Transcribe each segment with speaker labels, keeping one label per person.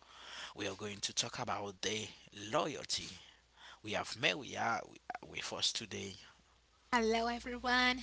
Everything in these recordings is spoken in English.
Speaker 1: We are going to talk about the loyalty. We have Maria with us today.
Speaker 2: Hello, everyone.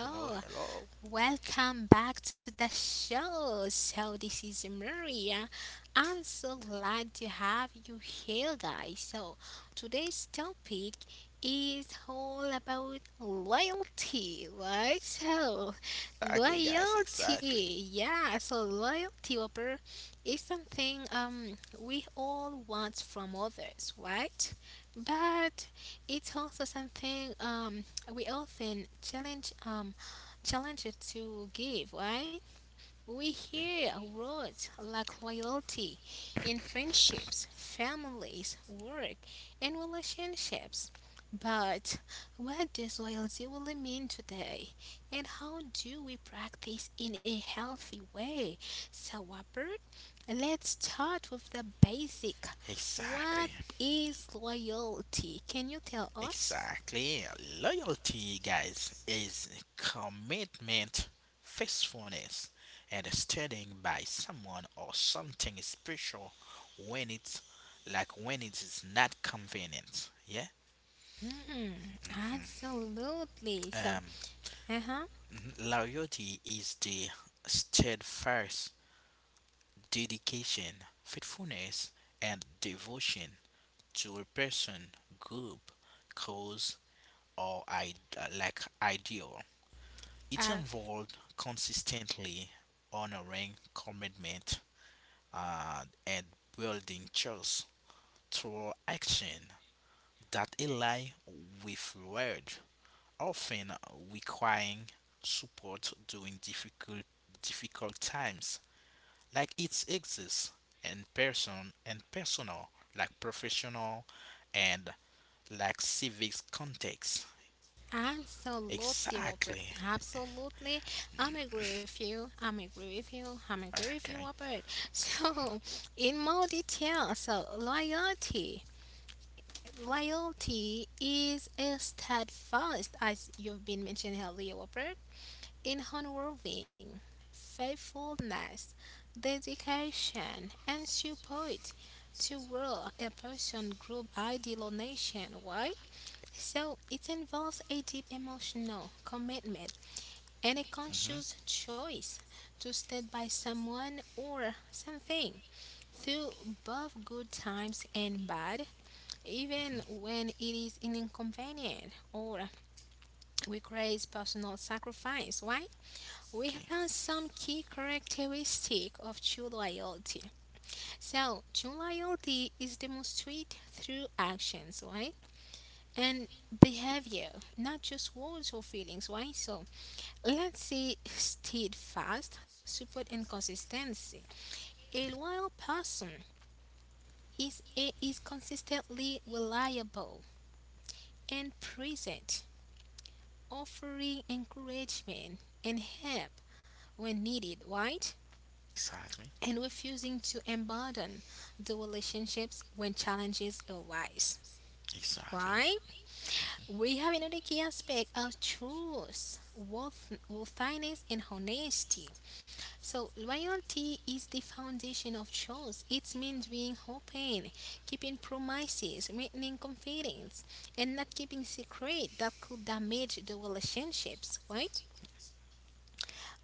Speaker 1: Hello, hello.
Speaker 2: Welcome back to the show. So, this is Maria. I'm so glad to have you here, guys. So, today's topic is all about loyalty, right? So,
Speaker 1: Exactly, guys, exactly.
Speaker 2: loyalty. Yeah, so loyalty, Whopper, is something we all want from others, right? But it's also something we often challenge challenge it to give, right? We hear words like loyalty in friendships, families, work, and relationships. But what does loyalty really mean today? And how do we practice in a healthy way? So, Robert, let's start with the basic. What
Speaker 1: Exactly,
Speaker 2: is loyalty? Can you tell us?
Speaker 1: exactly. Loyalty, guys, is commitment, faithfulness, and standing by someone or something special when it's like when it is not convenient. Yeah.
Speaker 2: Mm, absolutely. So,
Speaker 1: Um,
Speaker 2: uh-huh.
Speaker 1: Loyalty is the steadfast dedication, faithfulness, and devotion to a person, group, cause, or like ideal. It
Speaker 2: Uh,
Speaker 1: involved consistently honoring commitment and building trust through action that ally with word, often requiring support during difficult times, like it exists in person and personal, like professional and like civic context.
Speaker 2: absolutely, Robert.
Speaker 1: Exactly.
Speaker 2: Absolutely. I'm agree with you. I'm agree with you. I'm agree with you,
Speaker 1: Okay.
Speaker 2: Robert. So, in more detail, so loyalty. Loyalty is a steadfast, as you've been mentioned earlier, Robert, in unwavering faithfulness, dedication, and support to world a person, group, ideal, or nation. Why? So it involves a deep emotional commitment and a conscious
Speaker 1: Hmm.
Speaker 2: choice to stand by someone or something through both good times and bad,
Speaker 1: Mhm.
Speaker 2: even when it is inconvenient or requires personal sacrifice. Why? We
Speaker 1: Okay.
Speaker 2: have some key characteristic of true loyalty. So true loyalty is demonstrated through actions, right? And behavior, not just words or feelings, right? So let's say steadfast, support and consistency. A loyal person is consistently reliable and present, offering encouragement and help when needed, right?
Speaker 1: Exactly.
Speaker 2: And refusing to abandon the relationships when challenges arise.
Speaker 1: Exactly.
Speaker 2: Right? We have another key aspect of truth, worth, worthiness, and honesty. So, loyalty is the foundation of trust. It means being open, keeping promises, maintaining confidence, and not keeping secret that could damage the relationships. Right?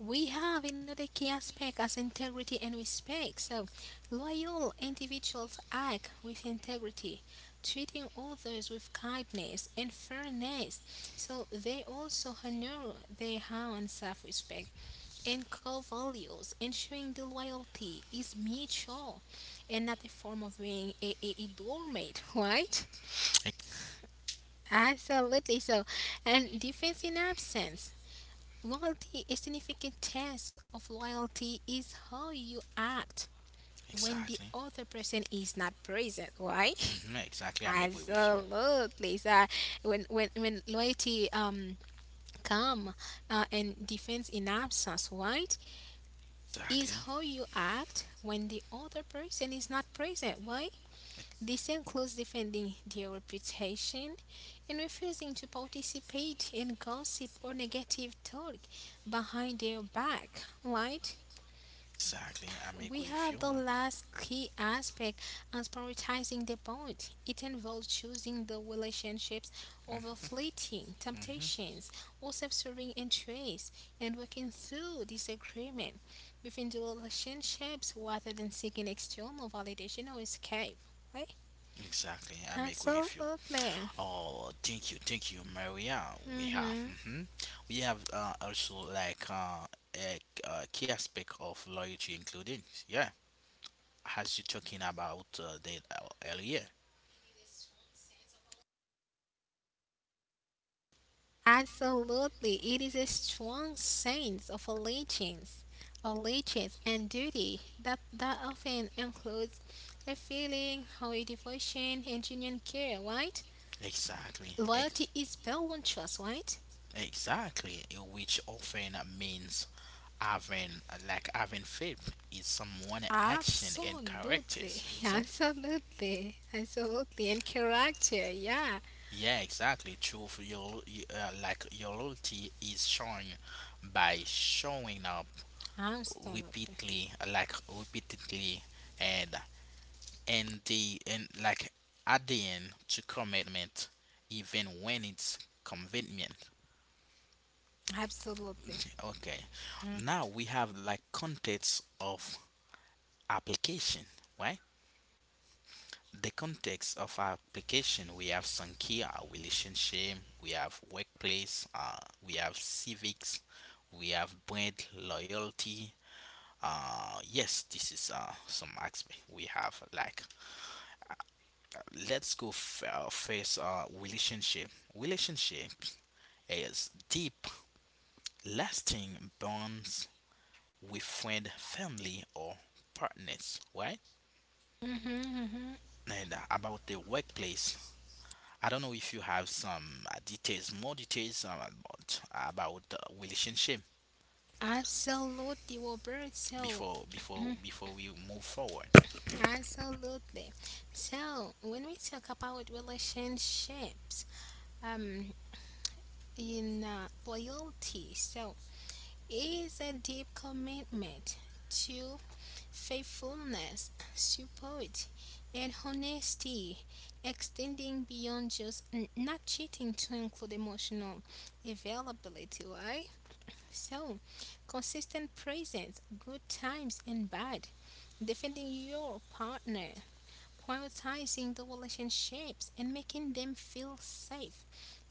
Speaker 2: We have another key aspect as integrity and respect. So, loyal individuals act with integrity, treating others with kindness and fairness. So, they also honor their own self respect and core values, ensuring the loyalty is mutual and not a form of being a doormat, right?
Speaker 1: E-
Speaker 2: Absolutely. So, and defense in absence. Loyalty, a significant test of loyalty is how you act when the
Speaker 1: exactly.
Speaker 2: other person is not present, right?
Speaker 1: Hmm. Exactly, I make way with you.
Speaker 2: Absolutely. So when loyalty come and defense in absence, right? Is
Speaker 1: Exactly.
Speaker 2: how you act when the other person is not present, right? This includes defending their reputation and refusing to participate in gossip or negative talk behind their back, right?
Speaker 1: Exactly, I make way
Speaker 2: We
Speaker 1: with you,
Speaker 2: have the
Speaker 1: man.
Speaker 2: last key aspect as prioritizing the bond. It involves choosing the relationships over fleeting
Speaker 1: Hmm.
Speaker 2: temptations or self-serving interests and working through disagreement within the relationships rather than seeking external validation or escape. Right?
Speaker 1: Exactly, I make way with you.
Speaker 2: Absolutely.
Speaker 1: Oh, thank you, Maria. We have,
Speaker 2: Mhm.
Speaker 1: mhm, we have also a key aspect of loyalty, including, yeah, as you talking about that earlier.
Speaker 2: Absolutely, it is a strong sense of allegiance, allegiance and duty that often includes a feeling of devotion and genuine care, right?
Speaker 1: Exactly,
Speaker 2: Loyalty is built on trust, right?
Speaker 1: exactly, which often means having faith in someone's action and
Speaker 2: Absolutely,
Speaker 1: characters. It's
Speaker 2: absolutely, absolutely, and character, yeah,
Speaker 1: Yeah, exactly. True for your like your loyalty is shown by showing up
Speaker 2: absolutely,
Speaker 1: repeatedly and and the and like adding to commitment even when it's convenient.
Speaker 2: absolutely,
Speaker 1: Okay, now we have like context of application, right? The context of application, we have some key: our relationship, we have workplace, we have civics, we have brand loyalty, yes, this is some aspect we have like, let's go f- face relationship. Relationship is deep, lasting bonds with friend, family, or partners, right?
Speaker 2: hmm hmm
Speaker 1: And about the workplace, I don't know if you have some more details about relationship
Speaker 2: absolutely, Roberto,
Speaker 1: before we move forward.
Speaker 2: absolutely. So when we talk about relationships, um, in loyalty, so is a deep commitment to faithfulness, support, and honesty, extending beyond just not cheating to include emotional availability, right? So consistent presence, good times and bad, defending your partner prioritizing the relationships and making them feel safe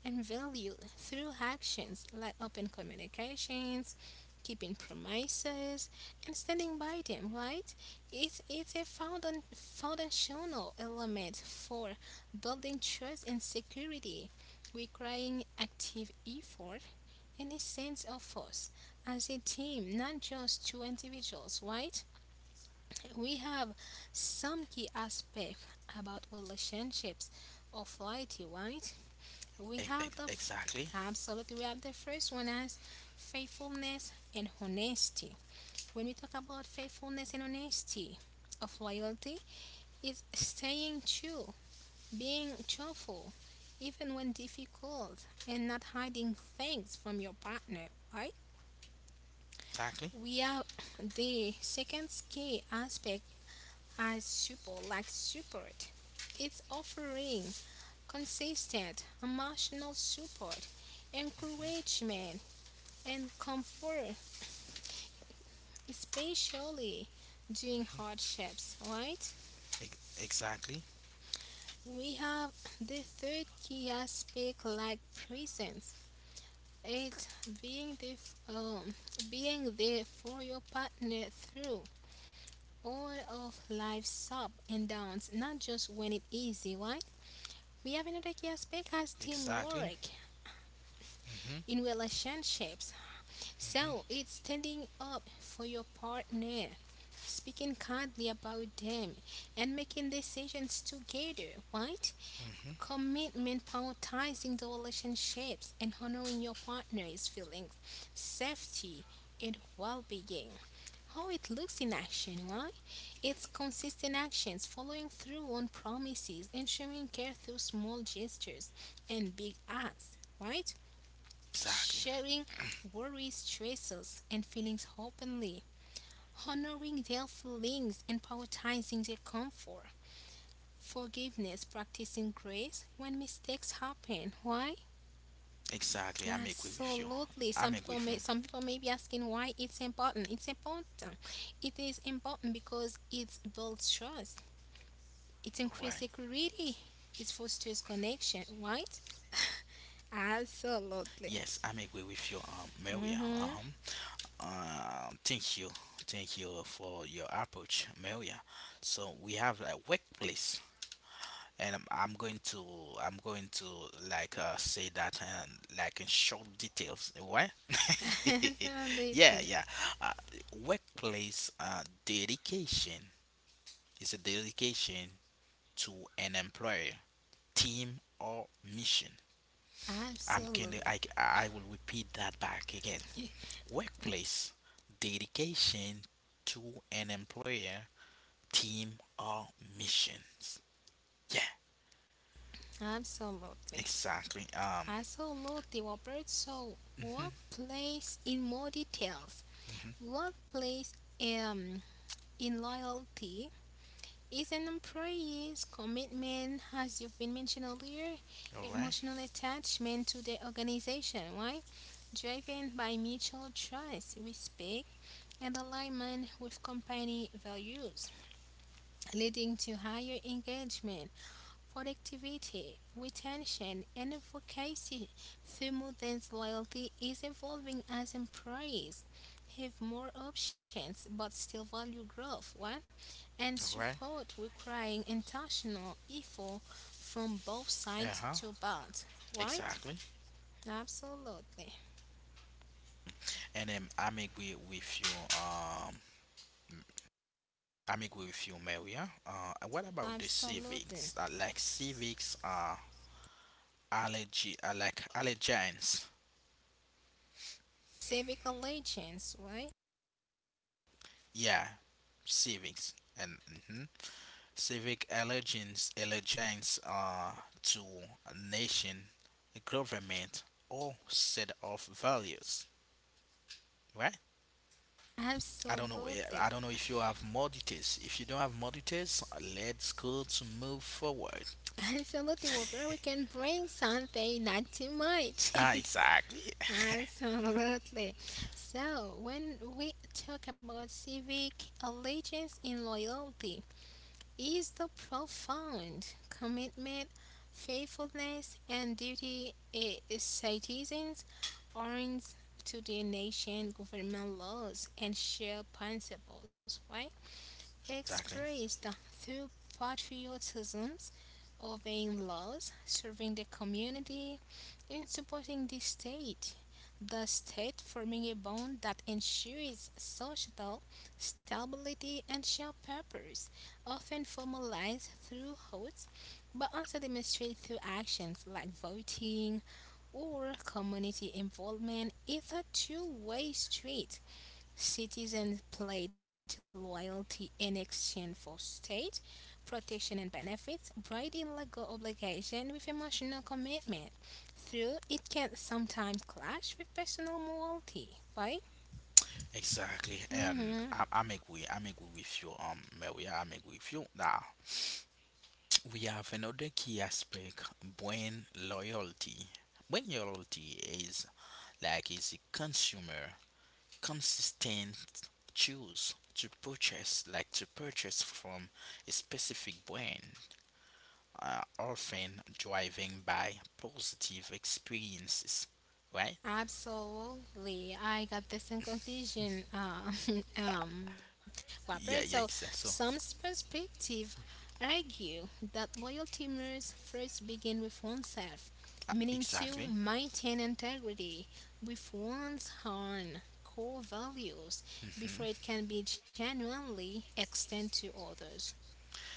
Speaker 2: and valued through actions like open communications, keeping promises, and standing by them, right? It's a foundational element for building trust and security, requiring active effort and a sense of force as a team, not just two individuals, right? We have some key aspects about relationships or loyalty, right? We
Speaker 1: E- ex-
Speaker 2: have the
Speaker 1: exactly,
Speaker 2: absolutely we have the first one as faithfulness and honesty. When we talk about faithfulness and honesty of loyalty, it's staying true, being truthful, even when difficult, and not hiding things from your partner, right?
Speaker 1: exactly,
Speaker 2: We have the second key aspect as support. It's offering consistent emotional support, encouragement, and comfort, especially during hardships, right?
Speaker 1: ex- exactly,
Speaker 2: We have the third key aspect like presence. It's being the being there for your partner through all of life's ups and downs, not just when it's easy, right? We have another key aspect as
Speaker 1: exactly,
Speaker 2: teamwork in relationships. So it's standing up for your partner, speaking kindly about them, and making decisions together, right? Commitment prioritizing the relationships and honoring your partner's feelings, safety, and well being. How it looks in action, why? It's consistent actions, following through on promises, and showing care through small gestures and big acts, right?
Speaker 1: exactly,
Speaker 2: Sharing worries, stresses, and feelings openly honoring their feelings and prioritizing their comfort, forgiveness, practicing grace when mistakes happen. Why?
Speaker 1: exactly. I'm agree with you.
Speaker 2: Absolutely.
Speaker 1: I'm
Speaker 2: Some
Speaker 1: agree
Speaker 2: people
Speaker 1: with you.
Speaker 2: may some people may be asking why it's important. It's important. It is important because it builds trust. It increases
Speaker 1: Why?
Speaker 2: security. It fosters connection. Right? Absolutely.
Speaker 1: Yes, I'm agree with you, Maria.
Speaker 2: Mm-hmm.
Speaker 1: Uh-huh. Thank you, thank you for your approach, Maria. So we have a workplace, and I'm going to I'm going to say that and like in short details. Why? Yeah,
Speaker 2: Absolutely.
Speaker 1: yeah. Uh, Workplace dedication is a dedication to an employer, team, or mission. I'm can
Speaker 2: Absolutely.
Speaker 1: I will repeat that back again. Workplace dedication to an employer, team, or missions. Yeah,
Speaker 2: Absolutely.
Speaker 1: exactly.
Speaker 2: Absolutely, Robert. So
Speaker 1: Mhm,
Speaker 2: workplace in more details.
Speaker 1: mhm.
Speaker 2: Workplace um, in loyalty is an employee's commitment, as you've been mentioned earlier,
Speaker 1: All right,
Speaker 2: emotional attachment to the organization. Why? Driven by mutual trust, respect, and alignment with company values, leading to higher engagement productivity, retention, and advocacy through Moodle's loyalty is evolving as employees have more options but still value growth What and
Speaker 1: all right.
Speaker 2: support requiring intentional effort from both
Speaker 1: Uh
Speaker 2: sides
Speaker 1: huh.
Speaker 2: to build. Right?
Speaker 1: Exactly.
Speaker 2: Absolutely.
Speaker 1: And I'm agree with you. Um, I'm agree with you, Maria. And what about the
Speaker 2: Absolutely.
Speaker 1: civics? Like civics are allergy, like allergens.
Speaker 2: Civic allegiance, right?
Speaker 1: Yeah, civics. And mhm. Civic allegiance to a nation, a government, or set of values, right? I don't know, eh,
Speaker 2: Absolutely.
Speaker 1: I don't know if you have more details. If you don't have more details, let's go to move forward.
Speaker 2: Absolutely, Robert. We can bring something not too much.
Speaker 1: Ah, exactly,
Speaker 2: Absolutely. So, when we talk about civic allegiance and loyalty, is the profound commitment, faithfulness, and duty a citizens earns to the nation, government laws, and shared principles, right?
Speaker 1: exactly,
Speaker 2: Expressed through patriotism, obeying laws, serving the community, and supporting the state. The state forming a bond that ensures social stability and shared purpose, often formalized through oaths, but also demonstrated through actions like voting or community involvement, is a two-way street Citizens pledged loyalty in exchange for state protection and benefits, bridging legal obligation with emotional commitment. Through it can sometimes clash with personal morality, right?
Speaker 1: exactly. And
Speaker 2: Hmm.
Speaker 1: I'm agree. I'm agree with you. Maria, I'm agree with you. Now we have another key aspect: brand loyalty. Brand loyalty is a consumer consistent choose to purchase like to purchase from a specific brand, are often driving by positive experiences, right?
Speaker 2: Absolutely, I got this in conclusion, um, Whopper. So,
Speaker 1: Yeah, yeah,
Speaker 2: some
Speaker 1: exactly. So,
Speaker 2: perspective argue that loyalty must first begin with oneself, meaning to
Speaker 1: exactly.
Speaker 2: maintain integrity with one's own core values before it can be genuinely extended to others.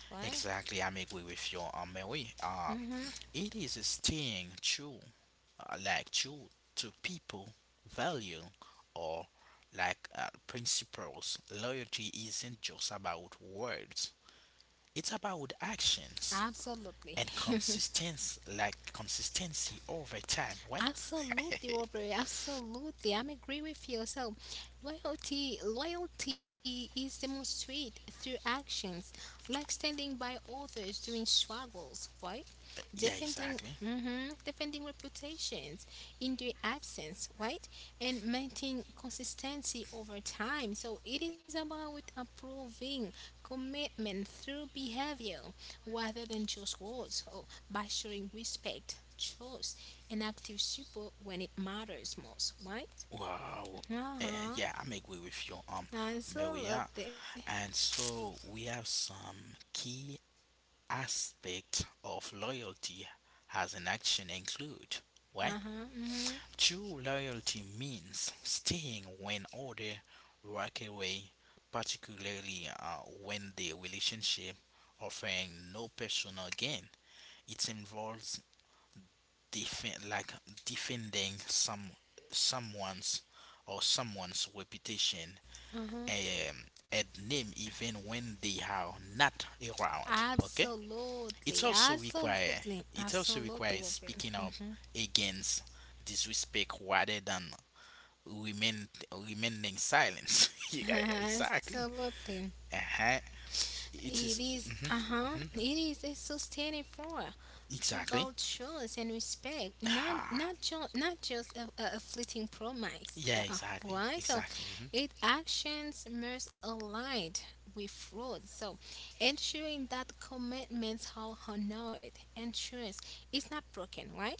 Speaker 2: Why?
Speaker 1: Exactly, I'm agree with you, Mary. Um,
Speaker 2: Hmm.
Speaker 1: it is a staying true, true to people value or principles. Loyalty isn't just about words, it's about actions
Speaker 2: Absolutely.
Speaker 1: and consistency over time, right?
Speaker 2: Absolutely, Robert. Absolutely, I'm agree with you. So, loyalty is demonstrated through actions, like standing by others during struggles, right?
Speaker 1: Yeah,
Speaker 2: Defending,
Speaker 1: exactly.
Speaker 2: mhm, defending reputations in their absence, right? And maintaining consistency over time. So it is about approving commitment through behavior rather than just words, or by showing respect, trust and active support when it matters most, right?
Speaker 1: Wow.
Speaker 2: Uh
Speaker 1: Uh,
Speaker 2: huh.
Speaker 1: yeah, I'm agree with you, Maria.
Speaker 2: Absolutely.
Speaker 1: And so we have some key aspect of loyalty as an action include, why?
Speaker 2: Uh huh. Hmm.
Speaker 1: True loyalty means staying when others walk away, particularly when the relationship offering no personal gain. It involves defend like defending someone's someone's reputation
Speaker 2: Uh huh.
Speaker 1: and name even when they are not around. Okay, it
Speaker 2: Absolutely.
Speaker 1: also require
Speaker 2: Absolutely.
Speaker 1: it also
Speaker 2: Absolutely.
Speaker 1: requires speaking up
Speaker 2: Robert.
Speaker 1: against disrespect rather than remain remaining silence. Yeah, yeah, exactly.
Speaker 2: Absolutely.
Speaker 1: Uh-huh. It
Speaker 2: It
Speaker 1: is.
Speaker 2: is, uh
Speaker 1: Mhm,
Speaker 2: huh.
Speaker 1: mhm.
Speaker 2: It is a sustaining force. To
Speaker 1: Exactly.
Speaker 2: build trust and respect, not
Speaker 1: Ah,
Speaker 2: not ju- not just a fleeting promise.
Speaker 1: yeah,
Speaker 2: Yeah,
Speaker 1: exactly,
Speaker 2: why? So,
Speaker 1: exactly, mhm.
Speaker 2: it actions must align with fraud. So, ensuring that commitments are honored and trust is not broken. Why?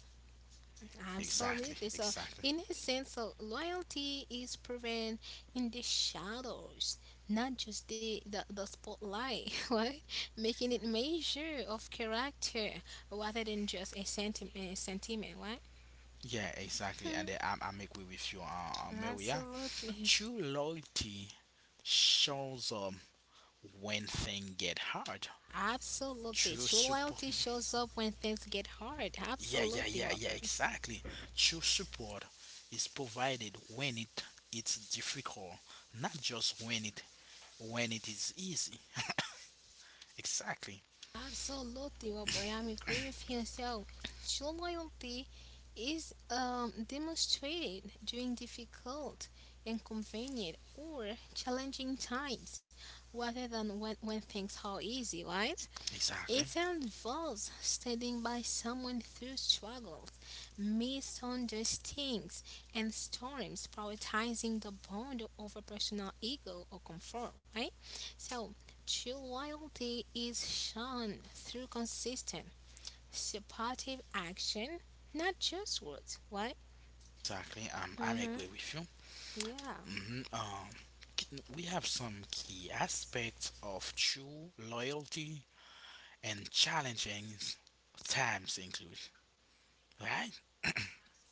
Speaker 1: Exactly,
Speaker 2: Absolutely. So,
Speaker 1: exactly.
Speaker 2: in a sense, so loyalty is proven in the shadows, not just the spotlight, right? Making it measure of character rather than just a sentiment right?
Speaker 1: Yeah, exactly. And I'm agree with you, Maria.
Speaker 2: Absolutely.
Speaker 1: True loyalty shows when things get hard.
Speaker 2: Absolutely.
Speaker 1: True
Speaker 2: True loyalty
Speaker 1: support.
Speaker 2: shows up when things get hard.
Speaker 1: Yeah, yeah,
Speaker 2: Absolutely,
Speaker 1: yeah, yeah,
Speaker 2: Robert.
Speaker 1: exactly. True support is provided when it's difficult, not just when it is easy. Exactly,
Speaker 2: Absolutely, Robert. I am agree with you. So, true loyalty is demonstrated during difficult, inconvenient, or challenging times, rather than when things are easy, right?
Speaker 1: exactly,
Speaker 2: It involves standing by someone through struggles, misunderstandings, and storms, prioritizing the bond over personal ego or comfort, right? So, true loyalty is shown through consistent, supportive action, not just words, right?
Speaker 1: exactly. I
Speaker 2: Mm-hmm.
Speaker 1: agree with you.
Speaker 2: Yeah,
Speaker 1: Hmm. K- we have some key aspects of true loyalty and challenging times include, right?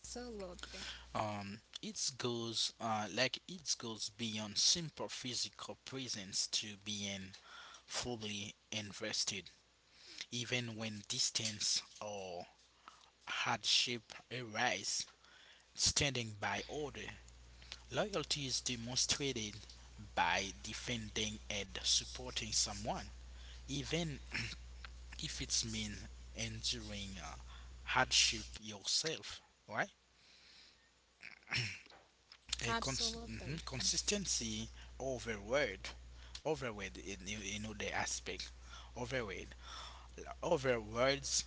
Speaker 2: absolutely.
Speaker 1: It goes it goes beyond simple physical presence to being fully invested, even when distance or hardship arise. Standing by order, loyalty is demonstrated by defending and supporting someone, even if it's mean enduring hardship yourself, right? A
Speaker 2: Absolutely.
Speaker 1: consistency overword overword in you know the aspect overword overwords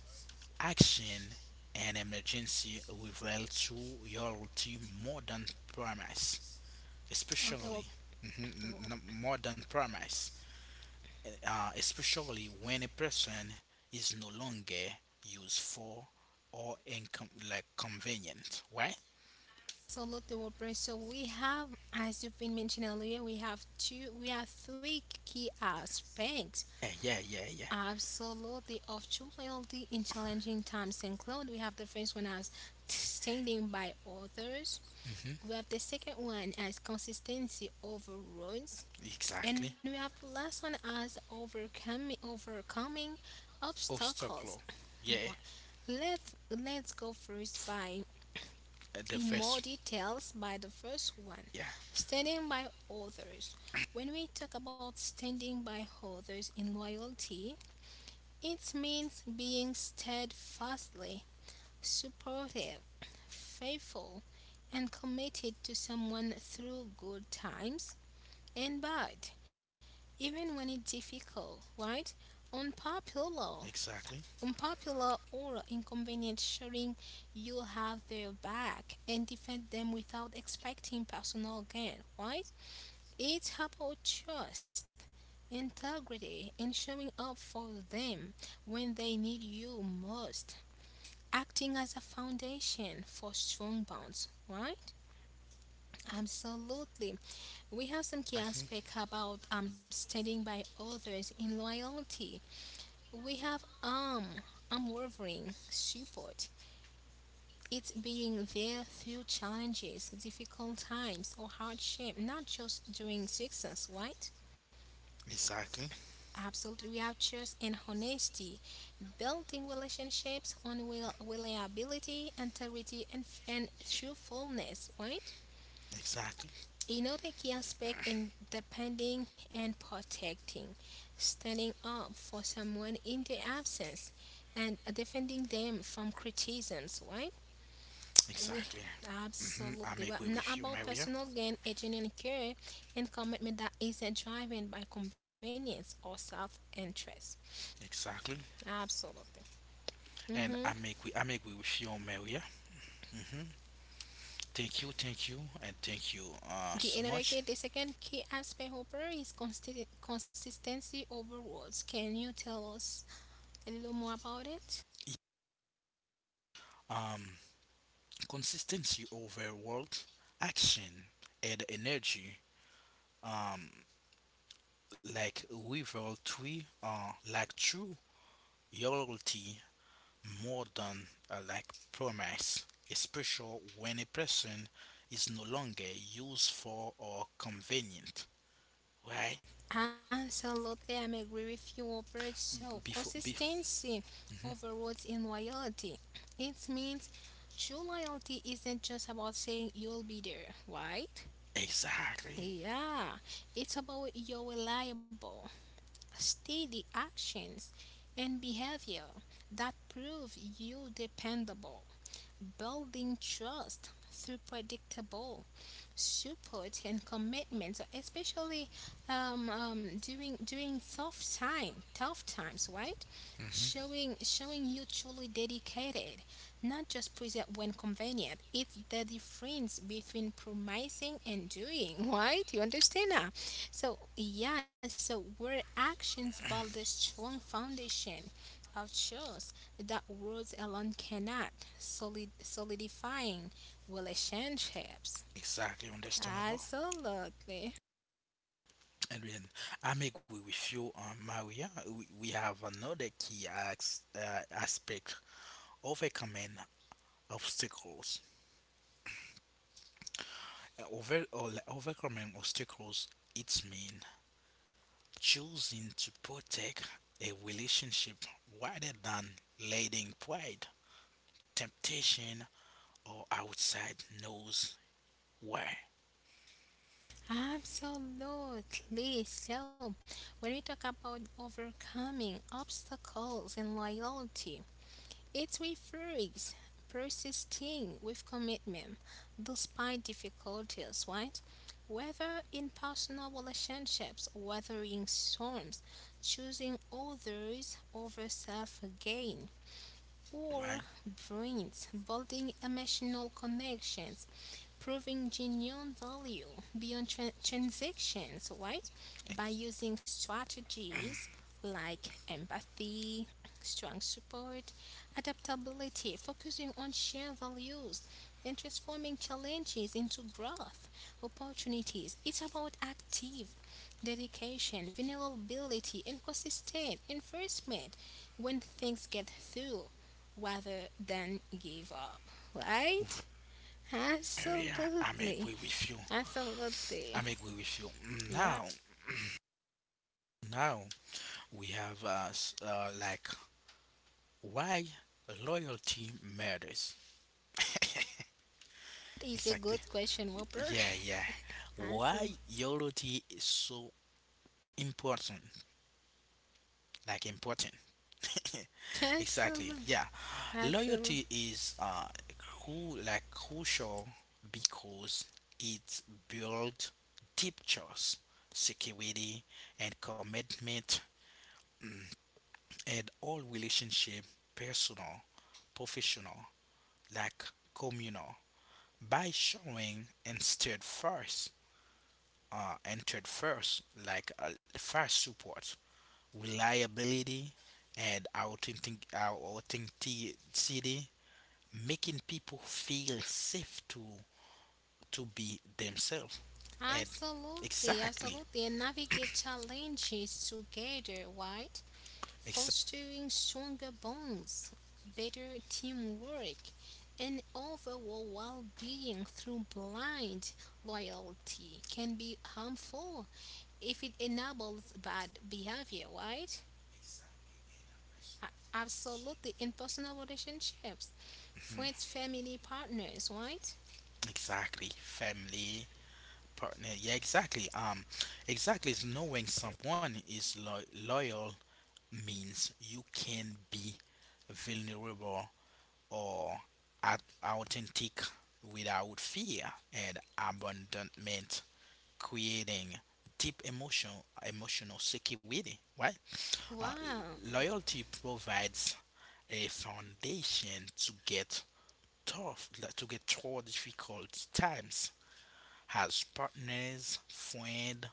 Speaker 1: action and emergency reveal to loyalty more than promise,
Speaker 2: Okay, well,
Speaker 1: especially mhm, more than promise, especially when a person is no longer useful or convenient, right?
Speaker 2: absolutely, Whopper. So we have, as you've been mentioning earlier, we have two, we have three key aspects,
Speaker 1: Yeah, yeah, yeah,
Speaker 2: absolutely, of true loyalty in challenging times. Include we have the first one as standing by others.
Speaker 1: yeah. Hmm.
Speaker 2: We have the second one as consistency over roads, and we
Speaker 1: Exactly.
Speaker 2: have the last one as overcoming obstacles.
Speaker 1: Obstacle. Yeah,
Speaker 2: Wha- Let Let's go first by
Speaker 1: the
Speaker 2: in more
Speaker 1: first.
Speaker 2: details by the first one
Speaker 1: Yeah,
Speaker 2: standing by others when we talk about standing by others in loyalty it means being steadfastly supportive faithful and committed to someone through good times and bad even when it's difficult right unpopular
Speaker 1: exactly,
Speaker 2: unpopular or inconvenient showing you'll have their back and defend them without expecting personal gain, right? It's about trust, integrity, and showing up for them when they need you most, acting as a foundation for strong bonds, right? Absolutely. We have some key aspect about standing by others in loyalty. We have unwavering support It's being there through challenges, difficult times, or hardship, not just during success, right?
Speaker 1: exactly,
Speaker 2: Absolutely, we have trust and honesty, building relationships on reliability, integrity, and, and truthfulness, right?
Speaker 1: exactly,
Speaker 2: Another key aspect in depending and protecting, standing up for someone in their absence and defending them from criticisms, right? We
Speaker 1: exactly. Hmm. I
Speaker 2: absolutely well
Speaker 1: make way
Speaker 2: not
Speaker 1: with you,
Speaker 2: about
Speaker 1: Maria.
Speaker 2: personal gain, a genuine care and commitment that isn't driven by convenience or self-interest.
Speaker 1: Exactly,
Speaker 2: Absolutely.
Speaker 1: and I make way. I make way with you, Maria. Hmm. Thank you, and thank you so
Speaker 2: The
Speaker 1: much.
Speaker 2: another key, the second key aspect, Hopper, is consistency over words. Can you tell us a little more about it?
Speaker 1: Um, consistency over world action and energy. Um, like river tree. Like true loyalty more than promise, especially when a person is no longer useful or convenient, right?
Speaker 2: Absolutely, I'm agree with you, Robert. So
Speaker 1: Before, be-
Speaker 2: consistency
Speaker 1: Mhm.
Speaker 2: overloads in loyalty. It means true loyalty isn't just about saying you'll be there, right?
Speaker 1: Exactly.
Speaker 2: Yeah, it's about your reliable, steady actions and behavior that prove you dependable, building trust through predictable support and commitment, so especially during tough times, right?
Speaker 1: Mhm.
Speaker 2: Showing you truly dedicated, not just present when convenient. It's the difference between promising and doing, right? You understand that? So yeah, so where actions build a strong foundation of trust that words alone cannot, solidifying relationships.
Speaker 1: Exactly, understandable.
Speaker 2: Absolutely.
Speaker 1: And then I'm agree with you, Maria. We have another key aspect: overcoming obstacles. Overcoming obstacles, it's mean choosing to protect a relationship rather than letting pride, temptation, or outside knows why.
Speaker 2: Absolutely. So, when we talk about overcoming obstacles and loyalty, it refers persisting with commitment despite difficulties, right? Whether in personal relationships, weathering storms, choosing others over self gain, or
Speaker 1: Right?
Speaker 2: brains, building emotional connections, proving genuine value beyond transactions, right? By using strategies like empathy, strong support, adaptability, focusing on shared values, and transforming challenges into growth opportunities. It's about active dedication, vulnerability, and consistent investment when things get through rather than give up, right?
Speaker 1: Yeah, I'm
Speaker 2: Absolutely.
Speaker 1: agree with you.
Speaker 2: Absolutely.
Speaker 1: I'm agree with you.
Speaker 2: Yeah.
Speaker 1: Now, now we have like why loyalty matters.
Speaker 2: That is a
Speaker 1: Exactly.
Speaker 2: good question, Whooper.
Speaker 1: Yeah, yeah.
Speaker 2: Absolutely.
Speaker 1: Why loyalty is so important? Like important. Exactly.
Speaker 2: Absolutely.
Speaker 1: Yeah.
Speaker 2: Absolutely.
Speaker 1: Loyalty is crucial because it builds deep trust, security, and commitment in all relationship: personal, professional, like communal, by showing instead first, entered first, like first support, reliability, and authenticity, making people feel safe to be themselves and
Speaker 2: Absolutely.
Speaker 1: exactly.
Speaker 2: Absolutely. And navigate challenges together, right?
Speaker 1: ex-
Speaker 2: Fostering stronger bonds, better teamwork, and overall well being through blind loyalty can be harmful if it enables bad behavior, right? A- Absolutely. In personal relationships,
Speaker 1: mhm,
Speaker 2: friends, family, partners, right?
Speaker 1: exactly. Family, partner, yeah, exactly, um, exactly, is knowing someone is loyal means you can be vulnerable or authentic without fear and abandonment, creating deep emotional security. Right? Uh,
Speaker 2: Wow.
Speaker 1: loyalty provides a foundation to get through difficult times as partners, friend,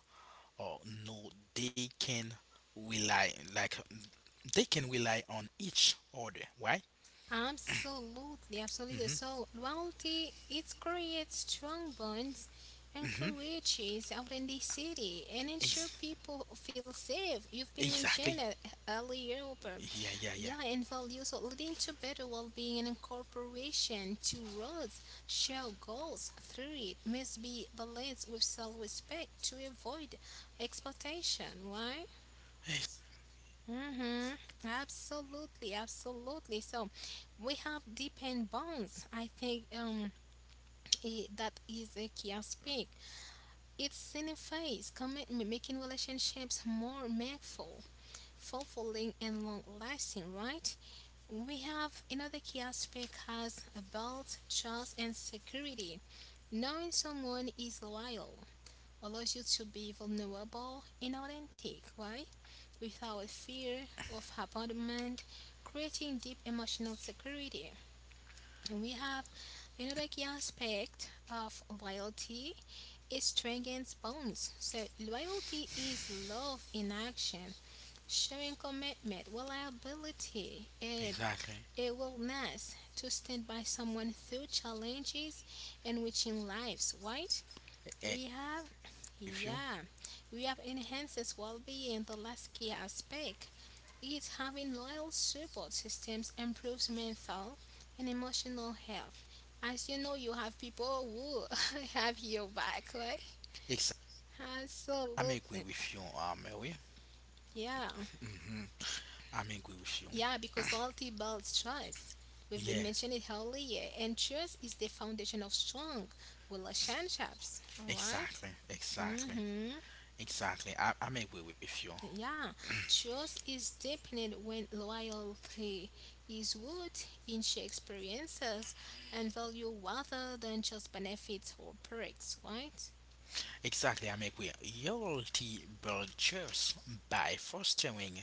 Speaker 1: or no, rely like they can rely on each other, right?
Speaker 2: Absolutely, absolutely.
Speaker 1: Mm-hmm.
Speaker 2: So loyalty it creates strong bonds and
Speaker 1: Mm-hmm.
Speaker 2: encourages authenticity and ensure
Speaker 1: Ex-
Speaker 2: people feel safe. You've been
Speaker 1: exactly.
Speaker 2: mentioned that earlier,
Speaker 1: Yeah, yeah, yeah.
Speaker 2: yeah, and values leading to better well being and incorporation to roles, show goals through it must be balanced with self respect to avoid exploitation. Why? Mm-hmm. Absolutely, absolutely. So we have deepened bonds. I think I that is a key aspect. It signifies commitment, making relationships more meaningful, fulfilling, and long lasting, right? We have another key aspect has about trust and security. Knowing someone is loyal allows you to be vulnerable and authentic, right? Without fear of abandonment, creating deep emotional security. And we have another key aspect of loyalty. It strengthens bonds. So loyalty is love in action showing commitment, reliability, and
Speaker 1: Exactly.
Speaker 2: a willingness to stand by someone through challenges and reaching lives, right?
Speaker 1: Eh, eh,
Speaker 2: We have,
Speaker 1: if you.
Speaker 2: yeah, we have enhances well-being. The last key aspect is having loyal support systems improves mental and emotional health. As you know, you have people who have your back, right?
Speaker 1: I'm agree
Speaker 2: Absolutely,
Speaker 1: with you, Mary.
Speaker 2: yeah.
Speaker 1: I'm agree with you.
Speaker 2: Yeah, because loyalty builds trust. We've
Speaker 1: Yeah,
Speaker 2: been mentioning it earlier, and trust is the foundation of strong relationships. All right?
Speaker 1: exactly, exactly,
Speaker 2: Mm-hmm.
Speaker 1: exactly. I'm agree with you.
Speaker 2: Yeah, trust is deepened when loyalty is rooted in shared experiences and value rather than just benefits or perks. Right?
Speaker 1: Exactly, I'm agree. Loyalty builds by fostering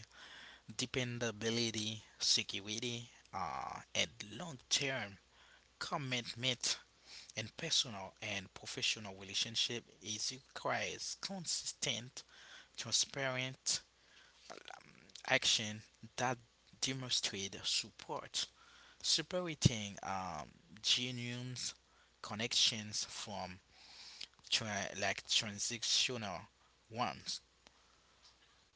Speaker 1: dependability, security, and long-term commitment in personal and professional relationship is requires consistent, transparent, action that demonstrate support, separating genuine connections from transactional ones.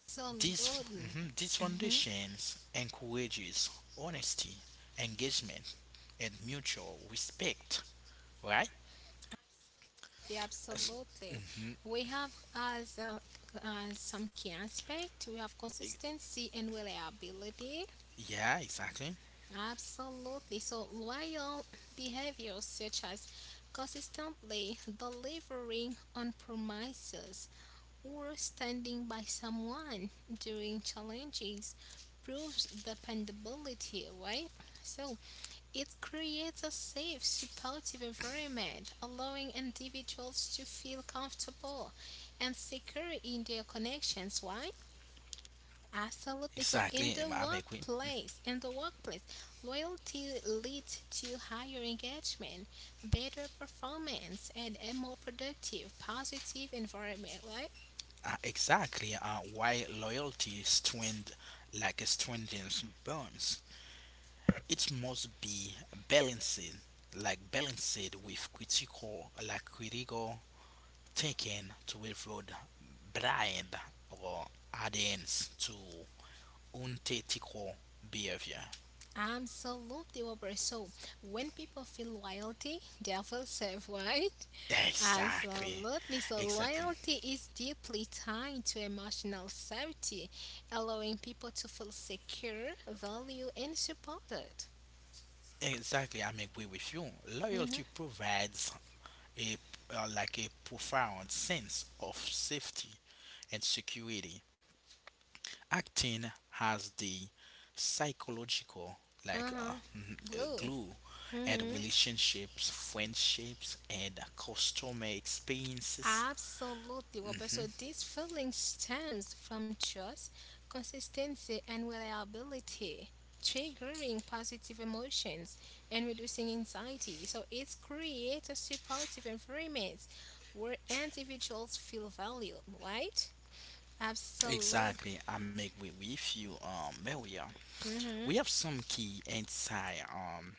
Speaker 2: So, Lord.
Speaker 1: These
Speaker 2: Mm-hmm.
Speaker 1: foundations encourages honesty, engagement, and mutual respect. Right?
Speaker 2: Yeah,
Speaker 1: Yes,
Speaker 2: absolutely.
Speaker 1: mhm,
Speaker 2: We have as some key aspect, we have
Speaker 1: e-
Speaker 2: consistency and reliability.
Speaker 1: yeah, exactly.
Speaker 2: Absolutely. So, loyal behaviors such as consistently delivering on promises or standing by someone during challenges proves dependability, right? So, it creates a safe, supportive environment, allowing individuals to feel comfortable and secure in their connections. Why? Absolutely. So
Speaker 1: Exactly, I'm agree.
Speaker 2: in the workplace, loyalty leads to higher engagement, better performance, and a more productive, positive environment, right?
Speaker 1: Exactly. Why loyalty strengthens bonds? It must be balanced, balanced with critical thinking to avoid blind or adherence to unethical behavior.
Speaker 2: Absolutely, Robert. So when people feel loyalty, they feel safe, right?
Speaker 1: Exactly,
Speaker 2: Absolutely. So
Speaker 1: exactly,
Speaker 2: loyalty is deeply tied to emotional safety, allowing people to feel secure, valued, and supported.
Speaker 1: exactly. I'm agree with you. Loyalty
Speaker 2: Mm-hmm.
Speaker 1: provides a profound sense of safety and security, acting has the psychological
Speaker 2: Uh-huh. Blue.
Speaker 1: glue and
Speaker 2: Hmm.
Speaker 1: relationships, friendships, and customer experiences.
Speaker 2: Absolutely, Robert. So
Speaker 1: Hmm,
Speaker 2: this feeling stems from trust, consistency, and reliability, triggering positive emotions and reducing anxiety. So it creates a supportive environment where individuals feel valued, right? Absolutely.
Speaker 1: exactly, I make way with you, um, Maria. We have some key insight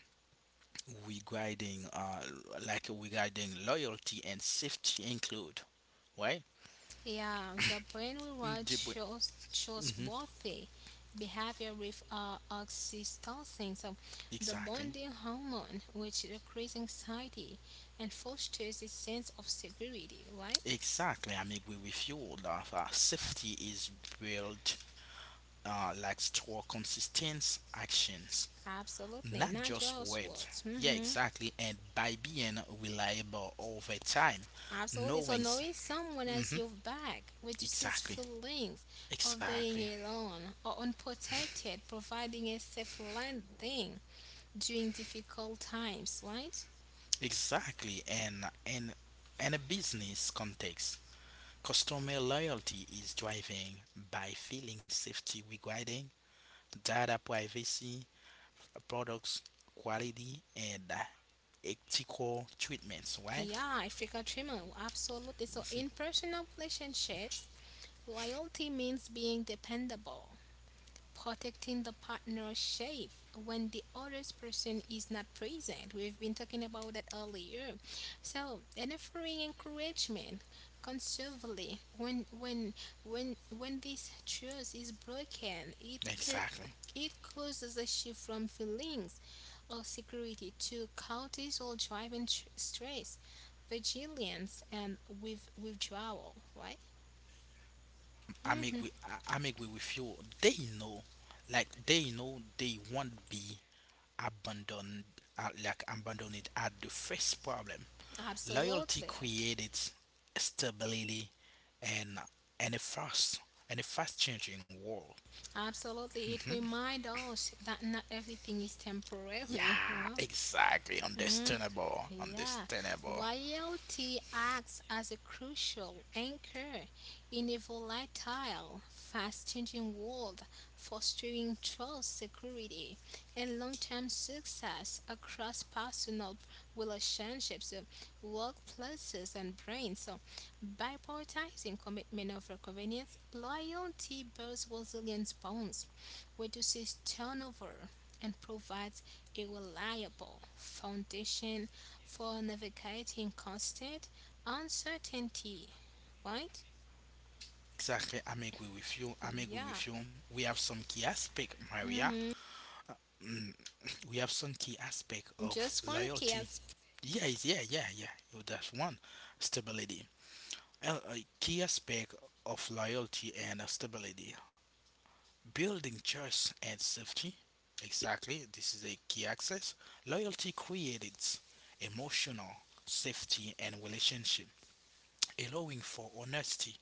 Speaker 1: regarding regarding loyalty and safety include, right?
Speaker 2: Yeah, the brain
Speaker 1: Mm,
Speaker 2: reward
Speaker 1: the bu-
Speaker 2: shows worthy behavior with oxytocin, so the
Speaker 1: exactly.
Speaker 2: bonding hormone, which increases anxiety and fosters a sense of security. Right?
Speaker 1: Exactly, I make agree with you. That safety is built like store consistent actions,
Speaker 2: Absolutely,
Speaker 1: not
Speaker 2: not
Speaker 1: just
Speaker 2: just
Speaker 1: words.
Speaker 2: words.
Speaker 1: Yeah,
Speaker 2: Hmm.
Speaker 1: exactly. And by being reliable over time,
Speaker 2: Absolutely. So
Speaker 1: knowing.
Speaker 2: knowing someone
Speaker 1: Mm-hmm,
Speaker 2: as your back reduces
Speaker 1: exactly.
Speaker 2: feelings of being
Speaker 1: Exactly.
Speaker 2: alone or unprotected, providing a safe landing during difficult times. Right?
Speaker 1: Exactly. And in a business context, customer loyalty is driving by feeling safety regarding data privacy, products quality, and ethical treatments. Right?
Speaker 2: Yeah, I forgot Trimmer, absolutely. So in
Speaker 1: Mhm.
Speaker 2: personal relationships, loyalty means being dependable protecting the partner's shape when the other person is not present. We've been talking about that earlier. So, and offering encouragement conservatively when this trust is broken, it,
Speaker 1: Exactly.
Speaker 2: it causes a shift from feelings of security to cortisol driving stress, vigilance, and withdrawal. Right? Hmm.
Speaker 1: I make way with you. They know, they won't be abandoned, abandoned at the first problem. Loyalty
Speaker 2: Absolutely.
Speaker 1: creates stability and and a fast and a fast changing world.
Speaker 2: Absolutely. It
Speaker 1: Hmm.
Speaker 2: reminds us that not everything is temporary.
Speaker 1: Yeah,
Speaker 2: Wow.
Speaker 1: exactly.
Speaker 2: Mhm.
Speaker 1: Understandable.
Speaker 2: Yeah,
Speaker 1: Understandable.
Speaker 2: loyalty acts as a crucial anchor in a volatile, fast changing world, fostering trust, security, and long term success across personal relationships, workplaces, and brains. So, by prioritizing commitment over convenience, loyalty builds resilience bonds, reduces turnover and provides a reliable foundation for navigating constant uncertainty, right?
Speaker 1: Exactly. I'm agree with you. I'm agree
Speaker 2: Yeah.
Speaker 1: with you. We have some key aspect, Maria. Mm, we have some key aspect of
Speaker 2: Just one key
Speaker 1: loyalty.
Speaker 2: aspect.
Speaker 1: Yeah, yeah, yeah, yeah. You- That's one. Stability. A key aspect of loyalty and stability. Building trust and safety. Exactly. This is a key access. Loyalty creates emotional safety and relationship, allowing for honesty,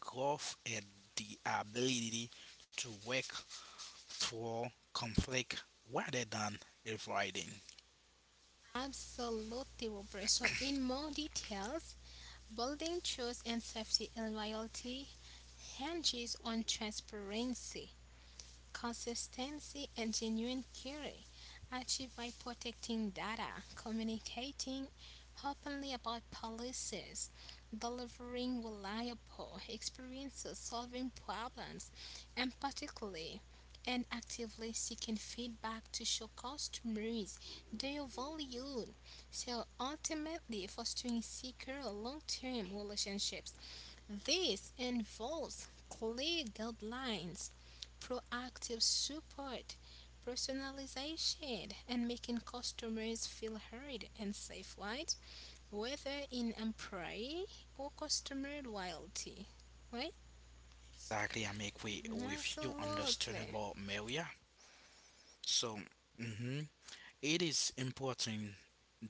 Speaker 1: growth, and the ability to work through conflict rather than avoiding.
Speaker 2: Absolutely, Robert. So, in more details, building trust and safety and loyalty hinges on transparency, consistency, and genuine care achieved by protecting data, communicating openly about policies, delivering reliable experiences, solving problems, and particularly and actively seeking feedback to show customers their value. So ultimately fostering secure long-term relationships this involves clear guidelines, proactive support, personalization, and making customers feel heard and safe, right? Whether in employee or customer loyalty, right?
Speaker 1: Exactly. I make way with you,
Speaker 2: Absolutely.
Speaker 1: understandable, Maria. So, mhm, it is important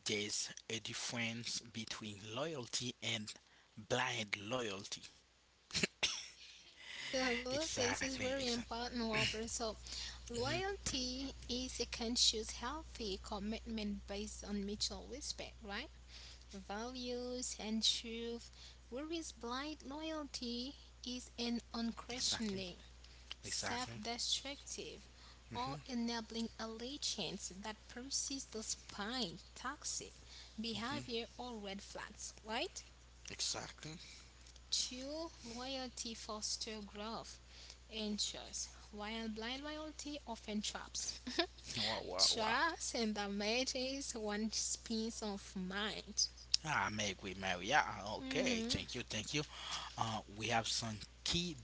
Speaker 1: there's a difference between loyalty and blind loyalty.
Speaker 2: Yeah, well, this is
Speaker 1: Exactly,
Speaker 2: very
Speaker 1: exactly,
Speaker 2: important, Whopper. So,
Speaker 1: hmm,
Speaker 2: loyalty is a conscious, healthy commitment based on mutual respect, right? Values and truth. Whereas blind loyalty is an
Speaker 1: exactly,
Speaker 2: unquestioning,
Speaker 1: exactly,
Speaker 2: self destructive,
Speaker 1: hmm,
Speaker 2: or enabling allegiance that persists despite toxic
Speaker 1: hmm,
Speaker 2: behavior or red flags, right?
Speaker 1: exactly.
Speaker 2: True loyalty fosters growth and trust, while blind loyalty often traps.
Speaker 1: Wow, wow, wow.
Speaker 2: Trust and damage is one piece of mind.
Speaker 1: Ah, make we marry. Yeah, okay.
Speaker 2: Hmm.
Speaker 1: Thank you, thank you. We have some key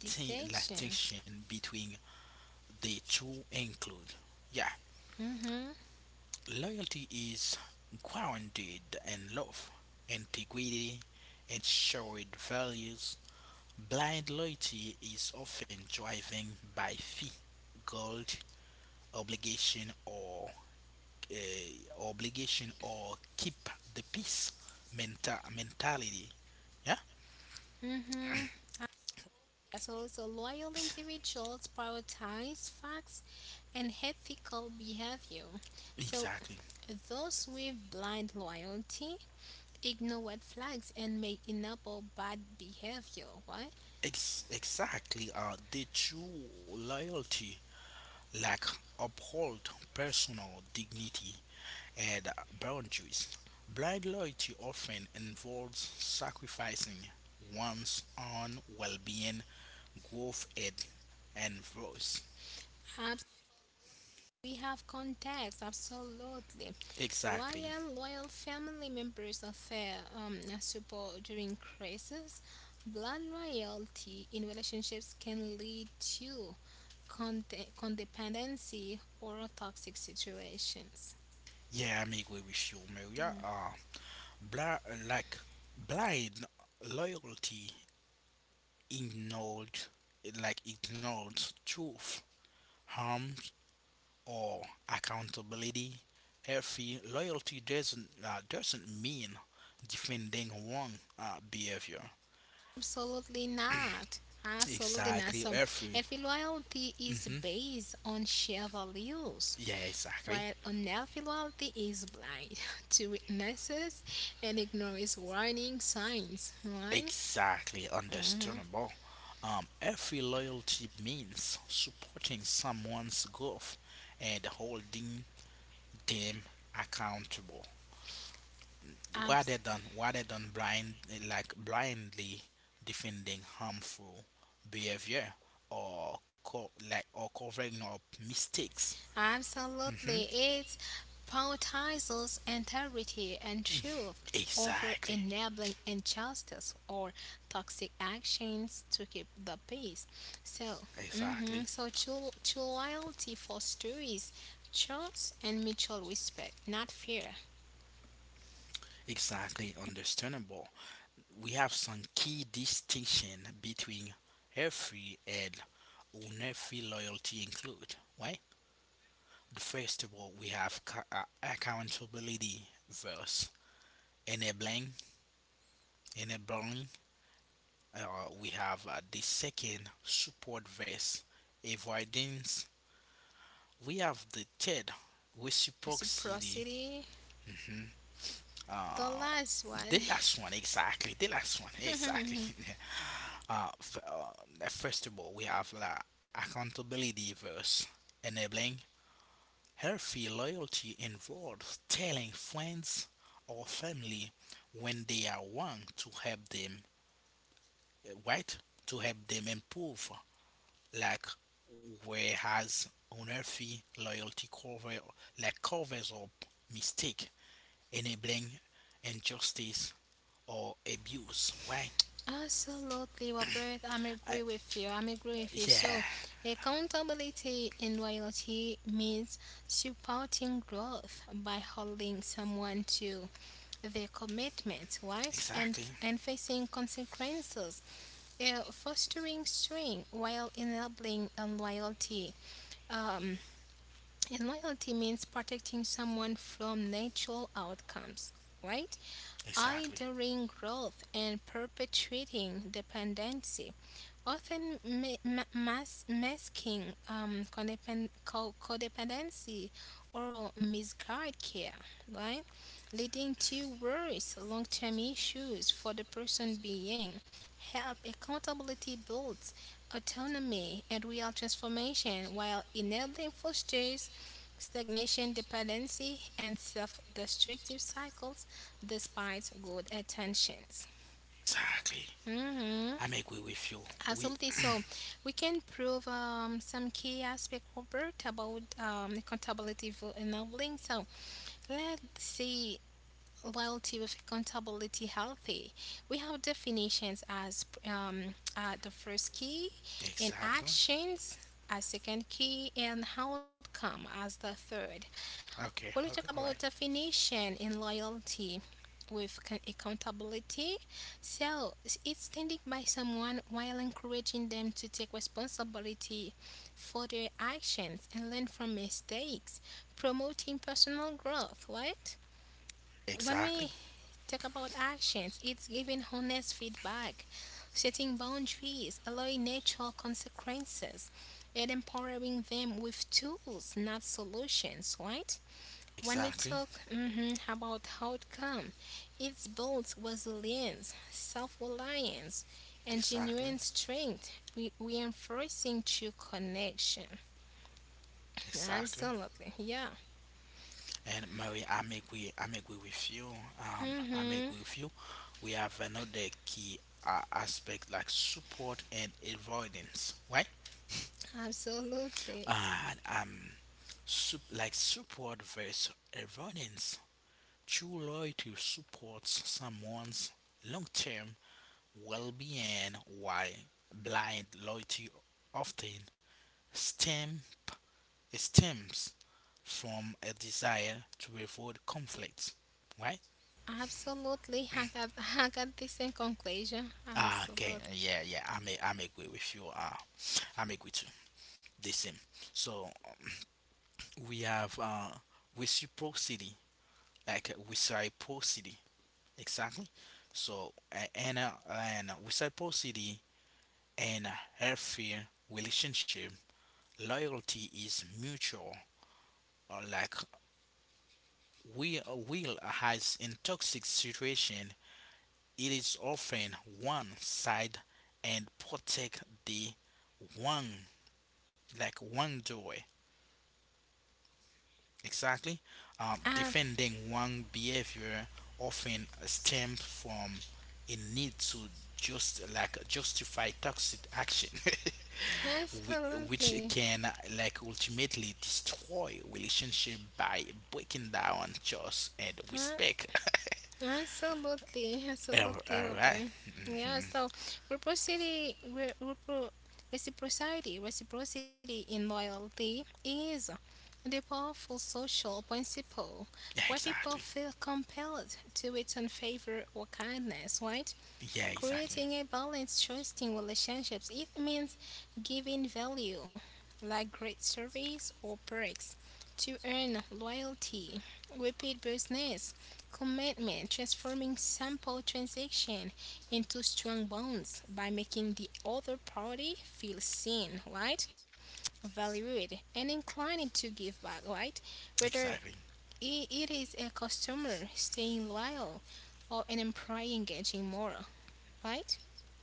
Speaker 2: Distinction.
Speaker 1: distinction between the two include. Yeah,
Speaker 2: Hmm.
Speaker 1: loyalty is grounded in love, integrity, and shared values. Blind loyalty is often driven by fee, gold, obligation, or keep the peace mentality. Yeah,
Speaker 2: Hmm. As also loyal individuals prioritize facts and ethical behavior. So
Speaker 1: exactly.
Speaker 2: those with blind loyalty ignore red flags and may enable bad behavior. Right?
Speaker 1: Exactly. The true loyalty, like uphold personal dignity and boundaries. Blind loyalty often involves sacrificing one's own well being, growth, and voice.
Speaker 2: We have contacts, absolutely.
Speaker 1: Exactly.
Speaker 2: While loyal family members offer support during crisis, blood loyalty in relationships can lead to codependency or toxic situations.
Speaker 1: Yeah, I'm agree with you, Maria. Bli- like blind loyalty ignored, like ignores truth, harms, or accountability. Healthy loyalty doesn't mean defending wrong behavior.
Speaker 2: Absolutely not. Absolutely not.
Speaker 1: Exactly,
Speaker 2: So,
Speaker 1: every
Speaker 2: if loyalty is
Speaker 1: hmm
Speaker 2: based on shared values,
Speaker 1: yeah, exactly,
Speaker 2: while unhealthy loyalty is blind to weaknesses and ignores warning signs, right?
Speaker 1: exactly, understandable. Every loyalty means supporting someone's growth and holding them accountable, rather than blindly defending harmful behavior or co- like or covering up mistakes. Hmm
Speaker 2: Absolutely. It prioritizes integrity and truth over
Speaker 1: Exactly,
Speaker 2: enabling injustice or toxic actions to keep the peace. So,
Speaker 1: exactly,
Speaker 2: mhm, so true loyalty fosters trust and mutual respect, not fear.
Speaker 1: exactly, understandable. We have some key distinction between healthy and unhealthy loyalty include, right? The first of all, we have accountability versus enabling, enabling. We have the second, support versus avoidance. We have the third, reciprocity.
Speaker 2: Reciprocity, the
Speaker 1: Uh,
Speaker 2: last one.
Speaker 1: the last one, exactly. The last one, exactly. First of all, we have the accountability verse, enabling healthy loyalty involves telling friends or family when they are wrong to help them, right? To help them improve, like whereas unhealthy loyalty covers up mistake, enabling injustice or abuse, right?
Speaker 2: Absolutely, well, Ruth, I'm
Speaker 1: I,
Speaker 2: agree with you. I'm agree with you. So,
Speaker 1: yeah,
Speaker 2: accountability and loyalty means supporting growth by holding someone to their commitment, right? And
Speaker 1: exactly,
Speaker 2: and facing consequences, fostering strength while enabling unloyalty. Um, and loyalty means protecting someone from natural outcomes, right?
Speaker 1: exactly.
Speaker 2: Idling growth and perpetuating dependency often masking codependency or misguided care, right? Leading to worse long term issues for the person being. Help accountability builds autonomy and real transformation while enabling fosters stagnation, dependency, and self destructive cycles despite good intentions.
Speaker 1: Exactly.
Speaker 2: Mhm.
Speaker 1: I'm agree with you. We
Speaker 2: Absolutely. So we can prove some key aspect, Robert, about accountability for enabling. So let's see loyalty with accountability healthy. We have definitions as the first key and
Speaker 1: exactly.
Speaker 2: actions as second key and outcome as the third.
Speaker 1: Okay.
Speaker 2: When we talk
Speaker 1: Okay. All right.
Speaker 2: about definition and loyalty with accountability, so it's standing by someone while encouraging them to take responsibility for their actions and learn from mistakes, promoting personal growth, right? When
Speaker 1: Exactly.
Speaker 2: we talk about actions, it's giving honest feedback, setting boundaries, allowing natural consequences, and empowering them with tools, not solutions, right? When we
Speaker 1: Exactly.
Speaker 2: talk about outcome, it builds resilience, self-reliance, and
Speaker 1: Exactly.
Speaker 2: genuine strength, reinforcing true connection.
Speaker 1: Exactly.
Speaker 2: Absolutely, yeah.
Speaker 1: And Mary, I'm agree with you. Um, I'm agree
Speaker 2: Hmm.
Speaker 1: with you. We have another key aspect like support and avoidance, right?
Speaker 2: Absolutely.
Speaker 1: And support versus avoidance. True loyalty supports someone's long-term well being, while blind loyalty often stem, stems from a desire to avoid conflict, right?
Speaker 2: Absolutely, I got, I got this in conclusion.
Speaker 1: Ah, okay,
Speaker 2: Absolutely.
Speaker 1: yeah, yeah, I am agree with you. I am agree too. The same. So we have reciprocity, reciprocity, exactly. So and reciprocity and a healthy relationship, loyalty is mutual like we will has in toxic situation, it is often one side and protect the one like one door. Exactly,
Speaker 2: Ab-
Speaker 1: defending one behavior often stems from a need to justify toxic action, which
Speaker 2: Absolutely.
Speaker 1: can like ultimately destroy relationship by breaking down trust and
Speaker 2: Huh?
Speaker 1: respect.
Speaker 2: Absolutely,
Speaker 1: Oh,
Speaker 2: absolutely,
Speaker 1: all right.
Speaker 2: Robin. Yeah,
Speaker 1: Mm-hmm.
Speaker 2: so reciprocity, re- repro- reciprocity, reciprocity in loyalty is the powerful social principle
Speaker 1: Yeah,
Speaker 2: where people
Speaker 1: exactly.
Speaker 2: feel compelled to return favor or kindness, right?
Speaker 1: Yeah, exactly.
Speaker 2: Creating a balanced, trusting relationships, it means giving value, like great service or perks, to earn loyalty, repeat business, commitment, transforming simple transaction into strong bonds by making the other party feel seen, right? Valued and inclined to give back, right? Whether
Speaker 1: Exactly.
Speaker 2: it is a customer staying loyal or an employee engaging more, right?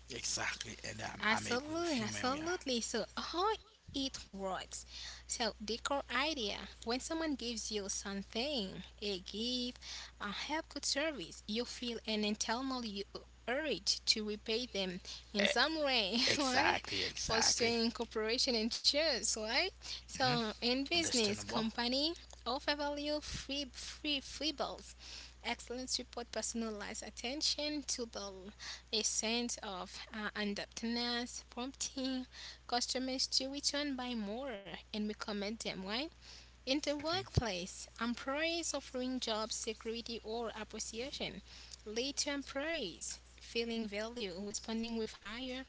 Speaker 1: Exactly. And I'm agree with you,
Speaker 2: Absolutely,
Speaker 1: Maria.
Speaker 2: absolutely. So, how it works. So, decor idea. When someone gives you something, a gift, a help, good service, you feel an internal urge to repay them in
Speaker 1: E-
Speaker 2: some way, right?
Speaker 1: Exactly. Exactly.
Speaker 2: Fostering cooperation and trust, right?
Speaker 1: hmm
Speaker 2: So, in business,
Speaker 1: Understandable.
Speaker 2: company offer value free balls. Excellence report personalized attention to the a sense of indebtedness, prompting customers to return by more and recommend them, right? In the
Speaker 1: Exactly.
Speaker 2: workplace, employees offering job security or appreciation lead to employees feeling value, responding with higher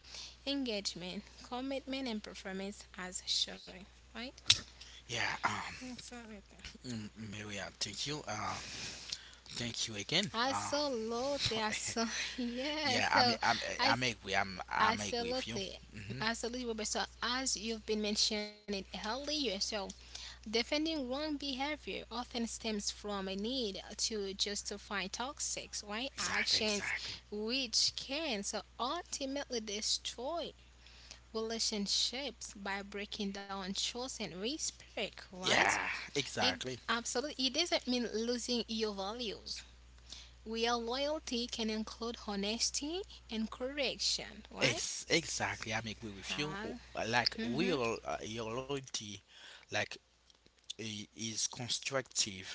Speaker 2: engagement, commitment, and performance as shown, right?
Speaker 1: Yeah.
Speaker 2: Absolutely.
Speaker 1: Maria, thank you. Thank you again.
Speaker 2: Absolutely. I saw, yeah.
Speaker 1: Yeah. I'm.
Speaker 2: So,
Speaker 1: I'm. I'm I
Speaker 2: as
Speaker 1: may agree. I'm. I'm agree with you.
Speaker 2: absolutely.
Speaker 1: Hmm
Speaker 2: Absolutely, Robert. So, as you've been mentioning earlier, so defending wrong behavior often stems from a need to justify toxic, right,
Speaker 1: Exactly.
Speaker 2: actions,
Speaker 1: Exactly.
Speaker 2: which can so ultimately destroy relationships by breaking down trust and respect, right?
Speaker 1: Yeah.
Speaker 2: It
Speaker 1: Exactly.
Speaker 2: absolutely it doesn't mean losing your values. Real loyalty can include honesty and correction, right?
Speaker 1: Exactly. I'm agree with
Speaker 2: Ah,
Speaker 1: you. Like
Speaker 2: mhm.
Speaker 1: we all, your loyalty, like is constructive,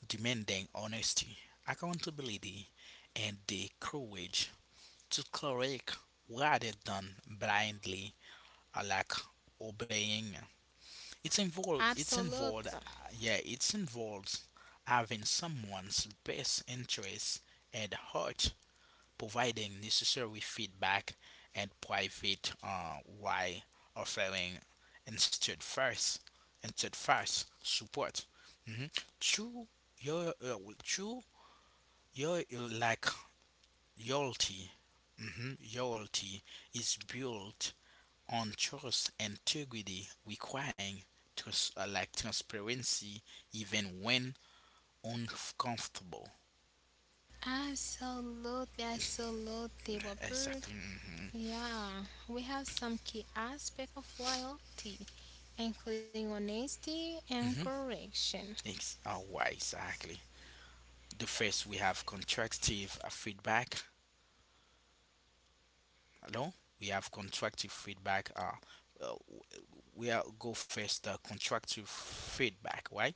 Speaker 1: demanding honesty, accountability, and the courage to correct rather than blindly uh, like obeying. It's involved. It's
Speaker 2: Absolutely.
Speaker 1: involved. uh, Yeah, it's involved having someone's best interests at heart providing necessary feedback and private while offering instead first instead first support. Mhm. True, your uh, true, your like Loyalty. Mhm. Loyalty is built on trust, integrity, requiring trust, transparency, even when uncomfortable.
Speaker 2: Absolutely. Absolutely, Robert.
Speaker 1: Exactly. Mhm.
Speaker 2: Yeah, we have some key aspects of loyalty, including honesty and correction.
Speaker 1: Why exactly? the first we have contractive feedback no We have contractive feedback uh we are go first contractive feedback. Why?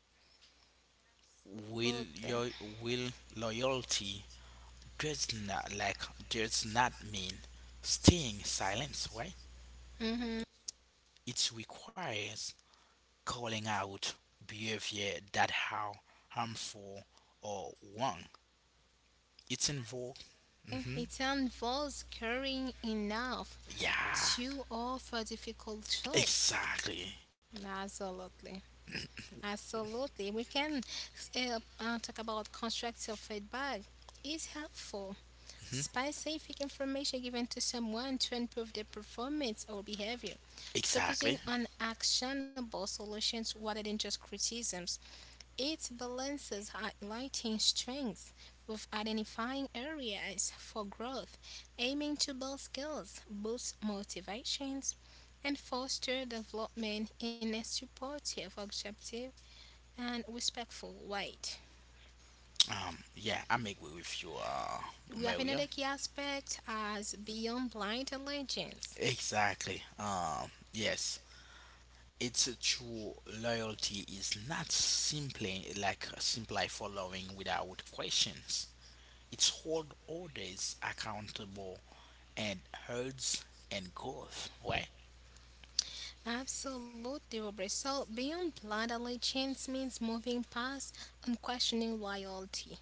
Speaker 1: Will
Speaker 2: Absolutely.
Speaker 1: your will loyalty does not like does not mean staying silent? Why?
Speaker 2: Mm-hmm.
Speaker 1: It requires calling out behavior that how harmful or wrong. It's involved. Hmm
Speaker 2: It involves caring enough
Speaker 1: yeah,
Speaker 2: to offer difficult choice.
Speaker 1: exactly.
Speaker 2: Absolutely. Absolutely. We can talk about constructive feedback. It's helpful.
Speaker 1: hmm
Speaker 2: Specific information given to someone to improve their performance or behavior,
Speaker 1: Exactly.
Speaker 2: focusing on actionable solutions rather than just criticisms. It balances highlighting strengths with identifying areas for growth, aiming to build skills, boost motivations, and foster development in a supportive, objective, and respectful way.
Speaker 1: Yeah, I'm agree with you,
Speaker 2: We have
Speaker 1: Maria.
Speaker 2: another key aspect as beyond blind allegiance.
Speaker 1: Exactly. Yes, it's a true loyalty is not simply following without questions. It's hold orders accountable and herds and growth. Right?
Speaker 2: Absolutely, Robert. So, being blindly allegiance means moving past unquestioning loyalty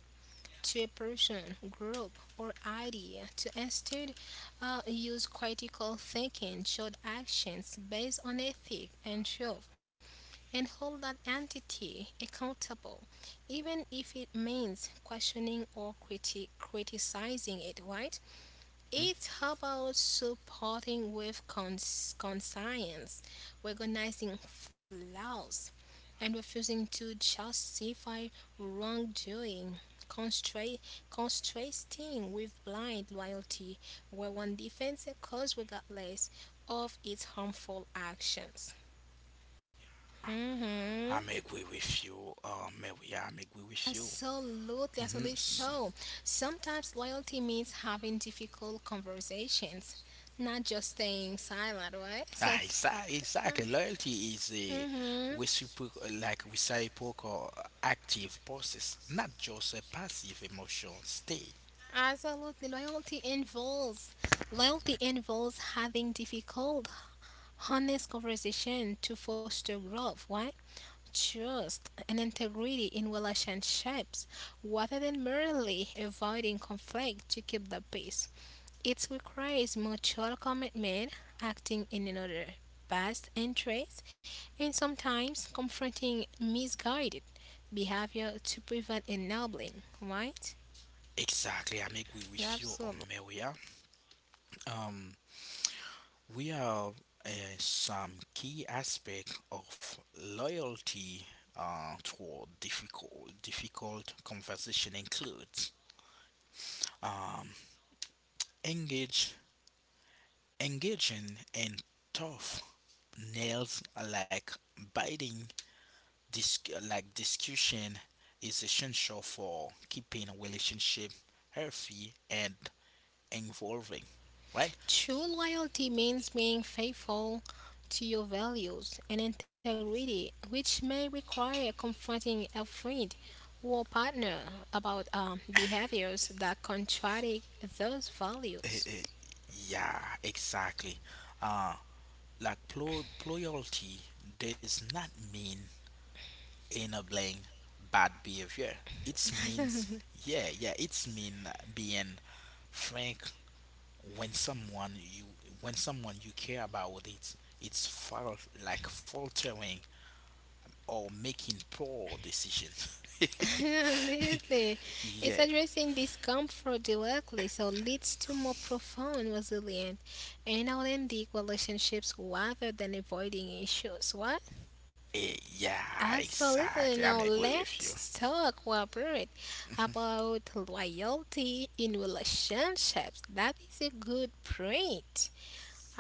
Speaker 2: to a person, group, or idea to instead use critical thinking, short actions based on ethic and truth, and hold that entity accountable, even if it means questioning or criticizing it, right? It's about supporting with conscience, recognizing flaws, and refusing to justify wrongdoing, constra- contrasting with blind loyalty, where one defends a cause regardless of its harmful actions. Mhm.
Speaker 1: I'm agree with you, Maria. I'm agree with you.
Speaker 2: Absolutely,
Speaker 1: Mm-hmm.
Speaker 2: absolutely so. Sometimes loyalty means having difficult conversations, not just staying silent, right? So,
Speaker 1: Exactly. Loyalty is a
Speaker 2: mm-hmm,
Speaker 1: reciprocal active process, not just a passive emotional state.
Speaker 2: absolutely, loyalty involves having difficult, honest conversation to foster growth, right? Trust and integrity in relationships, rather than merely avoiding conflict to keep the peace. It requires mutual commitment, acting in another best interest, and sometimes confronting misguided behavior to prevent enabling, right?
Speaker 1: Exactly. I'm agree with you on
Speaker 2: Absolutely.
Speaker 1: Maria. Um, we have uh, some key aspect of loyalty toward difficult conversation includes um, engage engaging in tough nails like biting Dis- discussion is essential for keeping a relationship healthy and involving, right?
Speaker 2: True loyalty means being faithful to your values and integrity, which may require confronting a friend or partner about behaviors that contradict those
Speaker 1: Eh,
Speaker 2: values.
Speaker 1: eh, yeah, exactly. Uh, Loyalty does not mean enabling bad behavior. It means yeah, yeah. It's mean being frank when someone you when someone you care about it. It's fault like Faltering or making poor decisions.
Speaker 2: Absolutely. It's
Speaker 1: Yeah.
Speaker 2: addressing discomfort directly, so leads to more profound resilience and authentic relationships rather than avoiding issues. What?
Speaker 1: Yeah,
Speaker 2: Absolutely.
Speaker 1: exactly. I'm
Speaker 2: Now
Speaker 1: agree with you.
Speaker 2: let's talk, Robert,
Speaker 1: Mhm.
Speaker 2: about loyalty in relationships. That is a good point.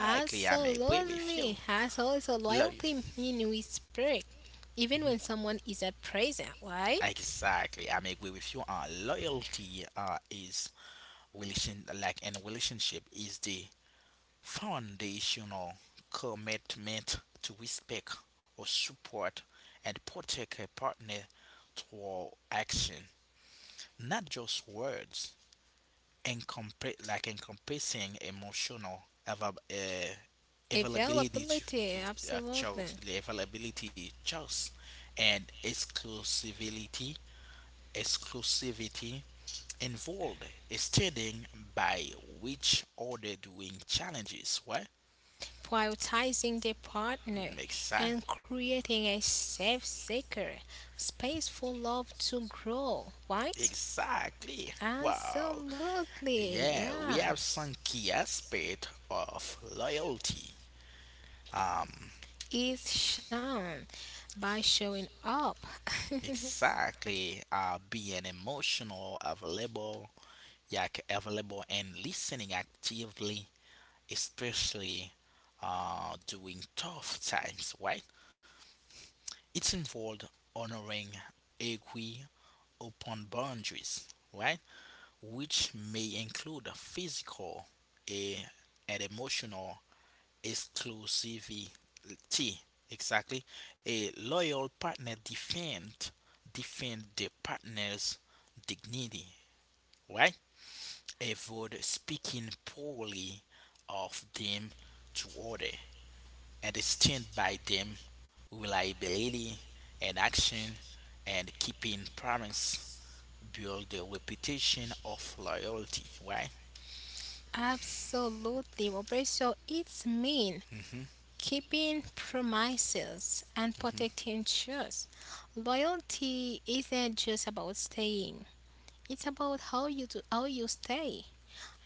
Speaker 1: Exactly, I'm agree with you.
Speaker 2: Absolutely. So
Speaker 1: Loyal.
Speaker 2: loyalty in respect, even when
Speaker 1: Mhm.
Speaker 2: someone is at present, right?
Speaker 1: Exactly, I'm agree with you. Loyalty is relation like in a relationship is the foundational commitment to respect or support and protect a partner through action, not just words. Encompassing emotional ava- uh, availability to
Speaker 2: Availability, absolutely.
Speaker 1: the availability jobs, and exclusivity involved, standing by which order doing challenges. What?
Speaker 2: Prioritizing the partner and
Speaker 1: Exactly.
Speaker 2: creating a safe, secure space for love to grow, right?
Speaker 1: Exactly. Wow.
Speaker 2: Absolutely,
Speaker 1: Yeah, we
Speaker 2: yeah.
Speaker 1: have some key aspect of loyalty. Um,
Speaker 2: Is shown by showing up.
Speaker 1: Exactly. Being emotional, available and listening actively, especially during tough times, right? It's involved honoring agree upon boundaries, right? Which may include physical eh, and emotional exclusivity. Exactly. A loyal partner defend the partner's dignity, right? Avoid speaking poorly of them to order and stand by them, reliability and action and keeping promise build the reputation of loyalty, right?
Speaker 2: Absolutely, Robert. So it's mean
Speaker 1: Mhm.
Speaker 2: keeping promises and protecting trust. Loyalty isn't just about staying. It's about how you do, how you stay.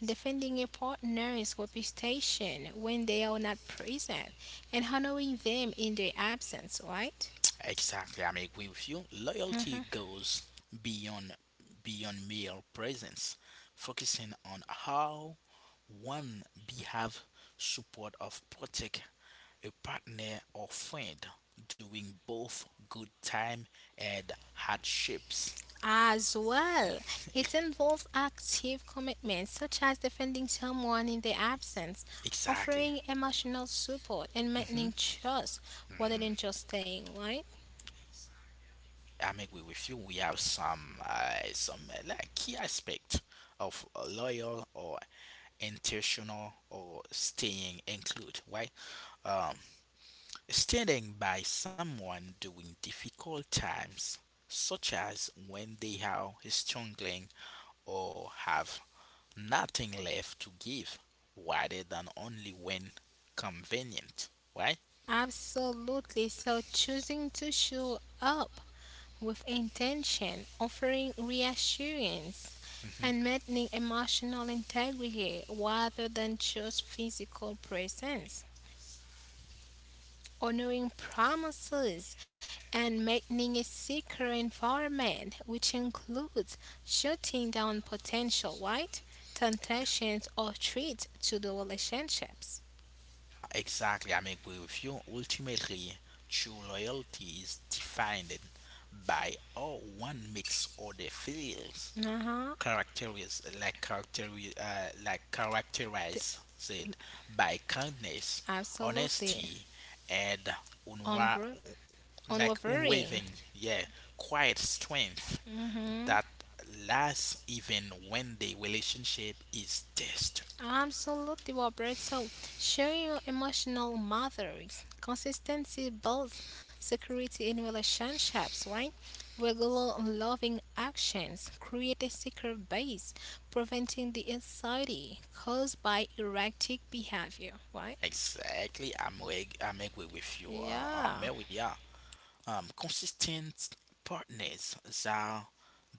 Speaker 2: Defending a partner's reputation when they are not present and honoring them in their absence, right?
Speaker 1: Exactly, I'm agree with you. Loyalty goes beyond beyond mere presence, focusing on how one behave support of protect a partner or friend during both good time and hardships.
Speaker 2: As well, it involves active commitments such as defending someone in their absence,
Speaker 1: Exactly.
Speaker 2: offering emotional support, and
Speaker 1: hmm
Speaker 2: maintaining trust rather than just staying, right?
Speaker 1: I'm agree with you. We have some key aspect of a loyal or intentional or staying include, right? Um, standing by someone during difficult times such as when they are struggling or have nothing left to give rather than only when convenient, right?
Speaker 2: Absolutely. So choosing to show up with intention, offering reassurance, and
Speaker 1: hmm
Speaker 2: maintaining emotional integrity rather than just physical presence. Honoring promises and maintaining a secure environment, which includes shutting down potential white temptations or threats to the relationships.
Speaker 1: exactly, I'm agree with you. Ultimately true loyalty is defined by how one makes other feels,
Speaker 2: Uh huh.
Speaker 1: characteristics like characteri- like characterized by kindness,
Speaker 2: Absolutely.
Speaker 1: honesty, and unwa-
Speaker 2: Onward. On worrying.
Speaker 1: unwavering, yeah, quiet strength
Speaker 2: Hmm.
Speaker 1: that lasts even when the relationship is tested.
Speaker 2: Absolutely, Robert. So, showing your emotional mothers, consistency builds security in relationships, right? Regular loving actions create a secure base, preventing the anxiety caused by erratic behavior, right?
Speaker 1: Exactly, I'm agree with you,
Speaker 2: Yeah.
Speaker 1: Maria. Consistent partners are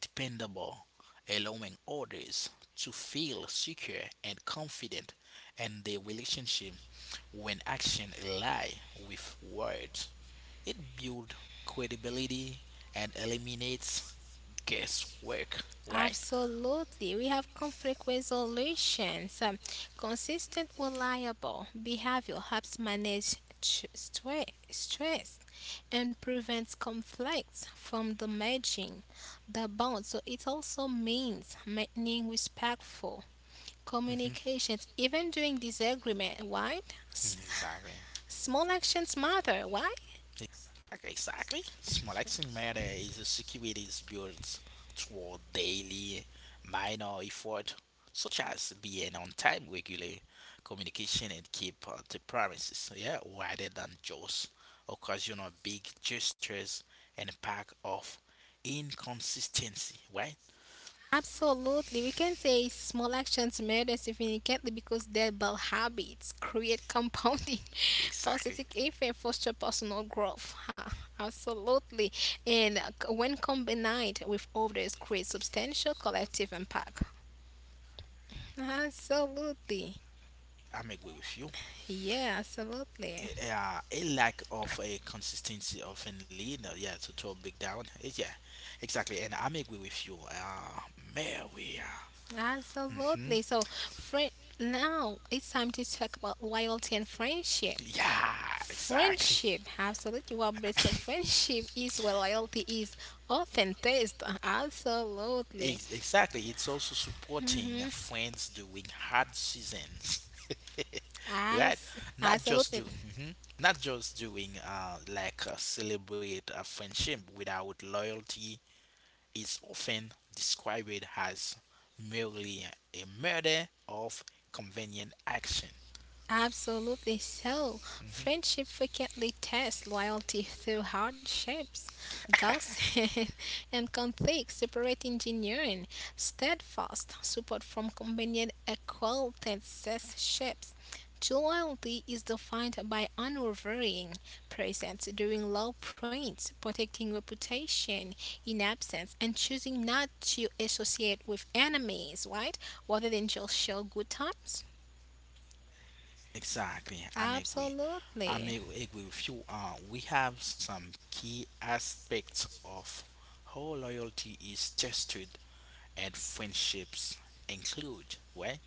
Speaker 1: dependable, allowing others to feel secure and confident in their relationship when action lie with words. It builds credibility and eliminates guesswork, right?
Speaker 2: Absolutely. We have conflict resolutions. Consistent, reliable behavior helps manage stress and prevents conflicts from damaging the bond. So it also means maintaining respectful
Speaker 1: hmm
Speaker 2: communications even during disagreement, right? S-
Speaker 1: Exactly.
Speaker 2: Small actions matter, right?
Speaker 1: Exactly. Exactly. Small action matter is a security built toward daily minor effort, such as being on time, regular communication, and keep to promises. So, yeah, rather than just occasional big gestures and a pack of inconsistency. Right?
Speaker 2: Absolutely. We can say small actions matter significantly because their bad habits create compounding
Speaker 1: Exactly.
Speaker 2: positive effect, foster personal growth. Ha, absolutely. And when combined with others, create substantial collective impact. Absolutely.
Speaker 1: I'm agree with you.
Speaker 2: Yeah, absolutely.
Speaker 1: Yeah, a lack of a consistency of a leader, yeah, to a big down. Yeah, exactly. And I'm agree with you, Mary. Mm-hmm.
Speaker 2: Absolutely. So, friend, now it's time to talk about loyalty and friendship.
Speaker 1: Yeah, exactly.
Speaker 2: Friendship, absolutely. Well, but so friendship is where loyalty is often tested. Absolutely.
Speaker 1: Exactly. It's also supporting
Speaker 2: Mm-hmm.
Speaker 1: friends during hard seasons, right?
Speaker 2: As,
Speaker 1: Not just
Speaker 2: absolutely.
Speaker 1: hmm not just doing, celebrate a friendship without loyalty is often described as merely a murder of convenient action.
Speaker 2: Absolutely so. Friendship frequently tests loyalty through hardships, gossip, and conflicts, separate engineering, steadfast support from convenient acquaintanceships. True loyalty is defined by unwavering presence during low points, protecting reputation in absence, and choosing not to associate with enemies, right? Rather than just show good times.
Speaker 1: Exactly, I'm agree. I'm
Speaker 2: Absolutely.
Speaker 1: agree with you. We have some key aspects of how loyalty is tested and friendships include, right?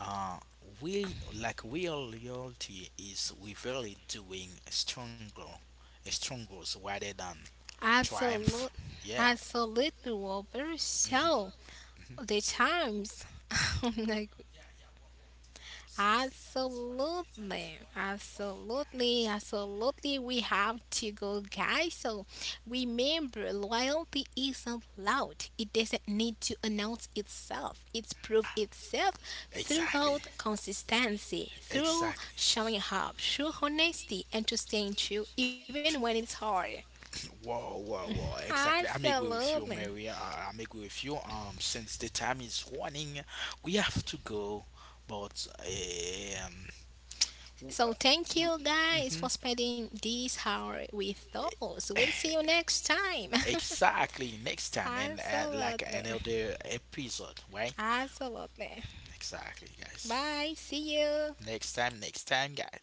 Speaker 1: Uh, we like real loyalty is really doing stronger rather than triumph.
Speaker 2: Absolute,
Speaker 1: Yeah,
Speaker 2: Absolutely, Wilbur. So, the times. I'm like, absolutely. Absolutely. Absolutely. We have to go, guys. So, remember, loyalty isn't loud. It doesn't need to announce itself. It's proved itself
Speaker 1: exactly.
Speaker 2: throughout consistency, through
Speaker 1: Exactly.
Speaker 2: showing up, through honesty, and to staying true even when it's hard.
Speaker 1: Whoa, whoa, whoa. Exactly. I'm agree with
Speaker 2: Absolutely.
Speaker 1: you, Mary. I'm agree with you. Since the time is running, we have to go. But
Speaker 2: So thank you guys
Speaker 1: mm-hmm.
Speaker 2: for spending this hour with us. We'll see you next time.
Speaker 1: Exactly, next time and
Speaker 2: Absolutely.
Speaker 1: another episode, right?
Speaker 2: Absolutely.
Speaker 1: Exactly, guys.
Speaker 2: Bye. See you.
Speaker 1: Next time, guys.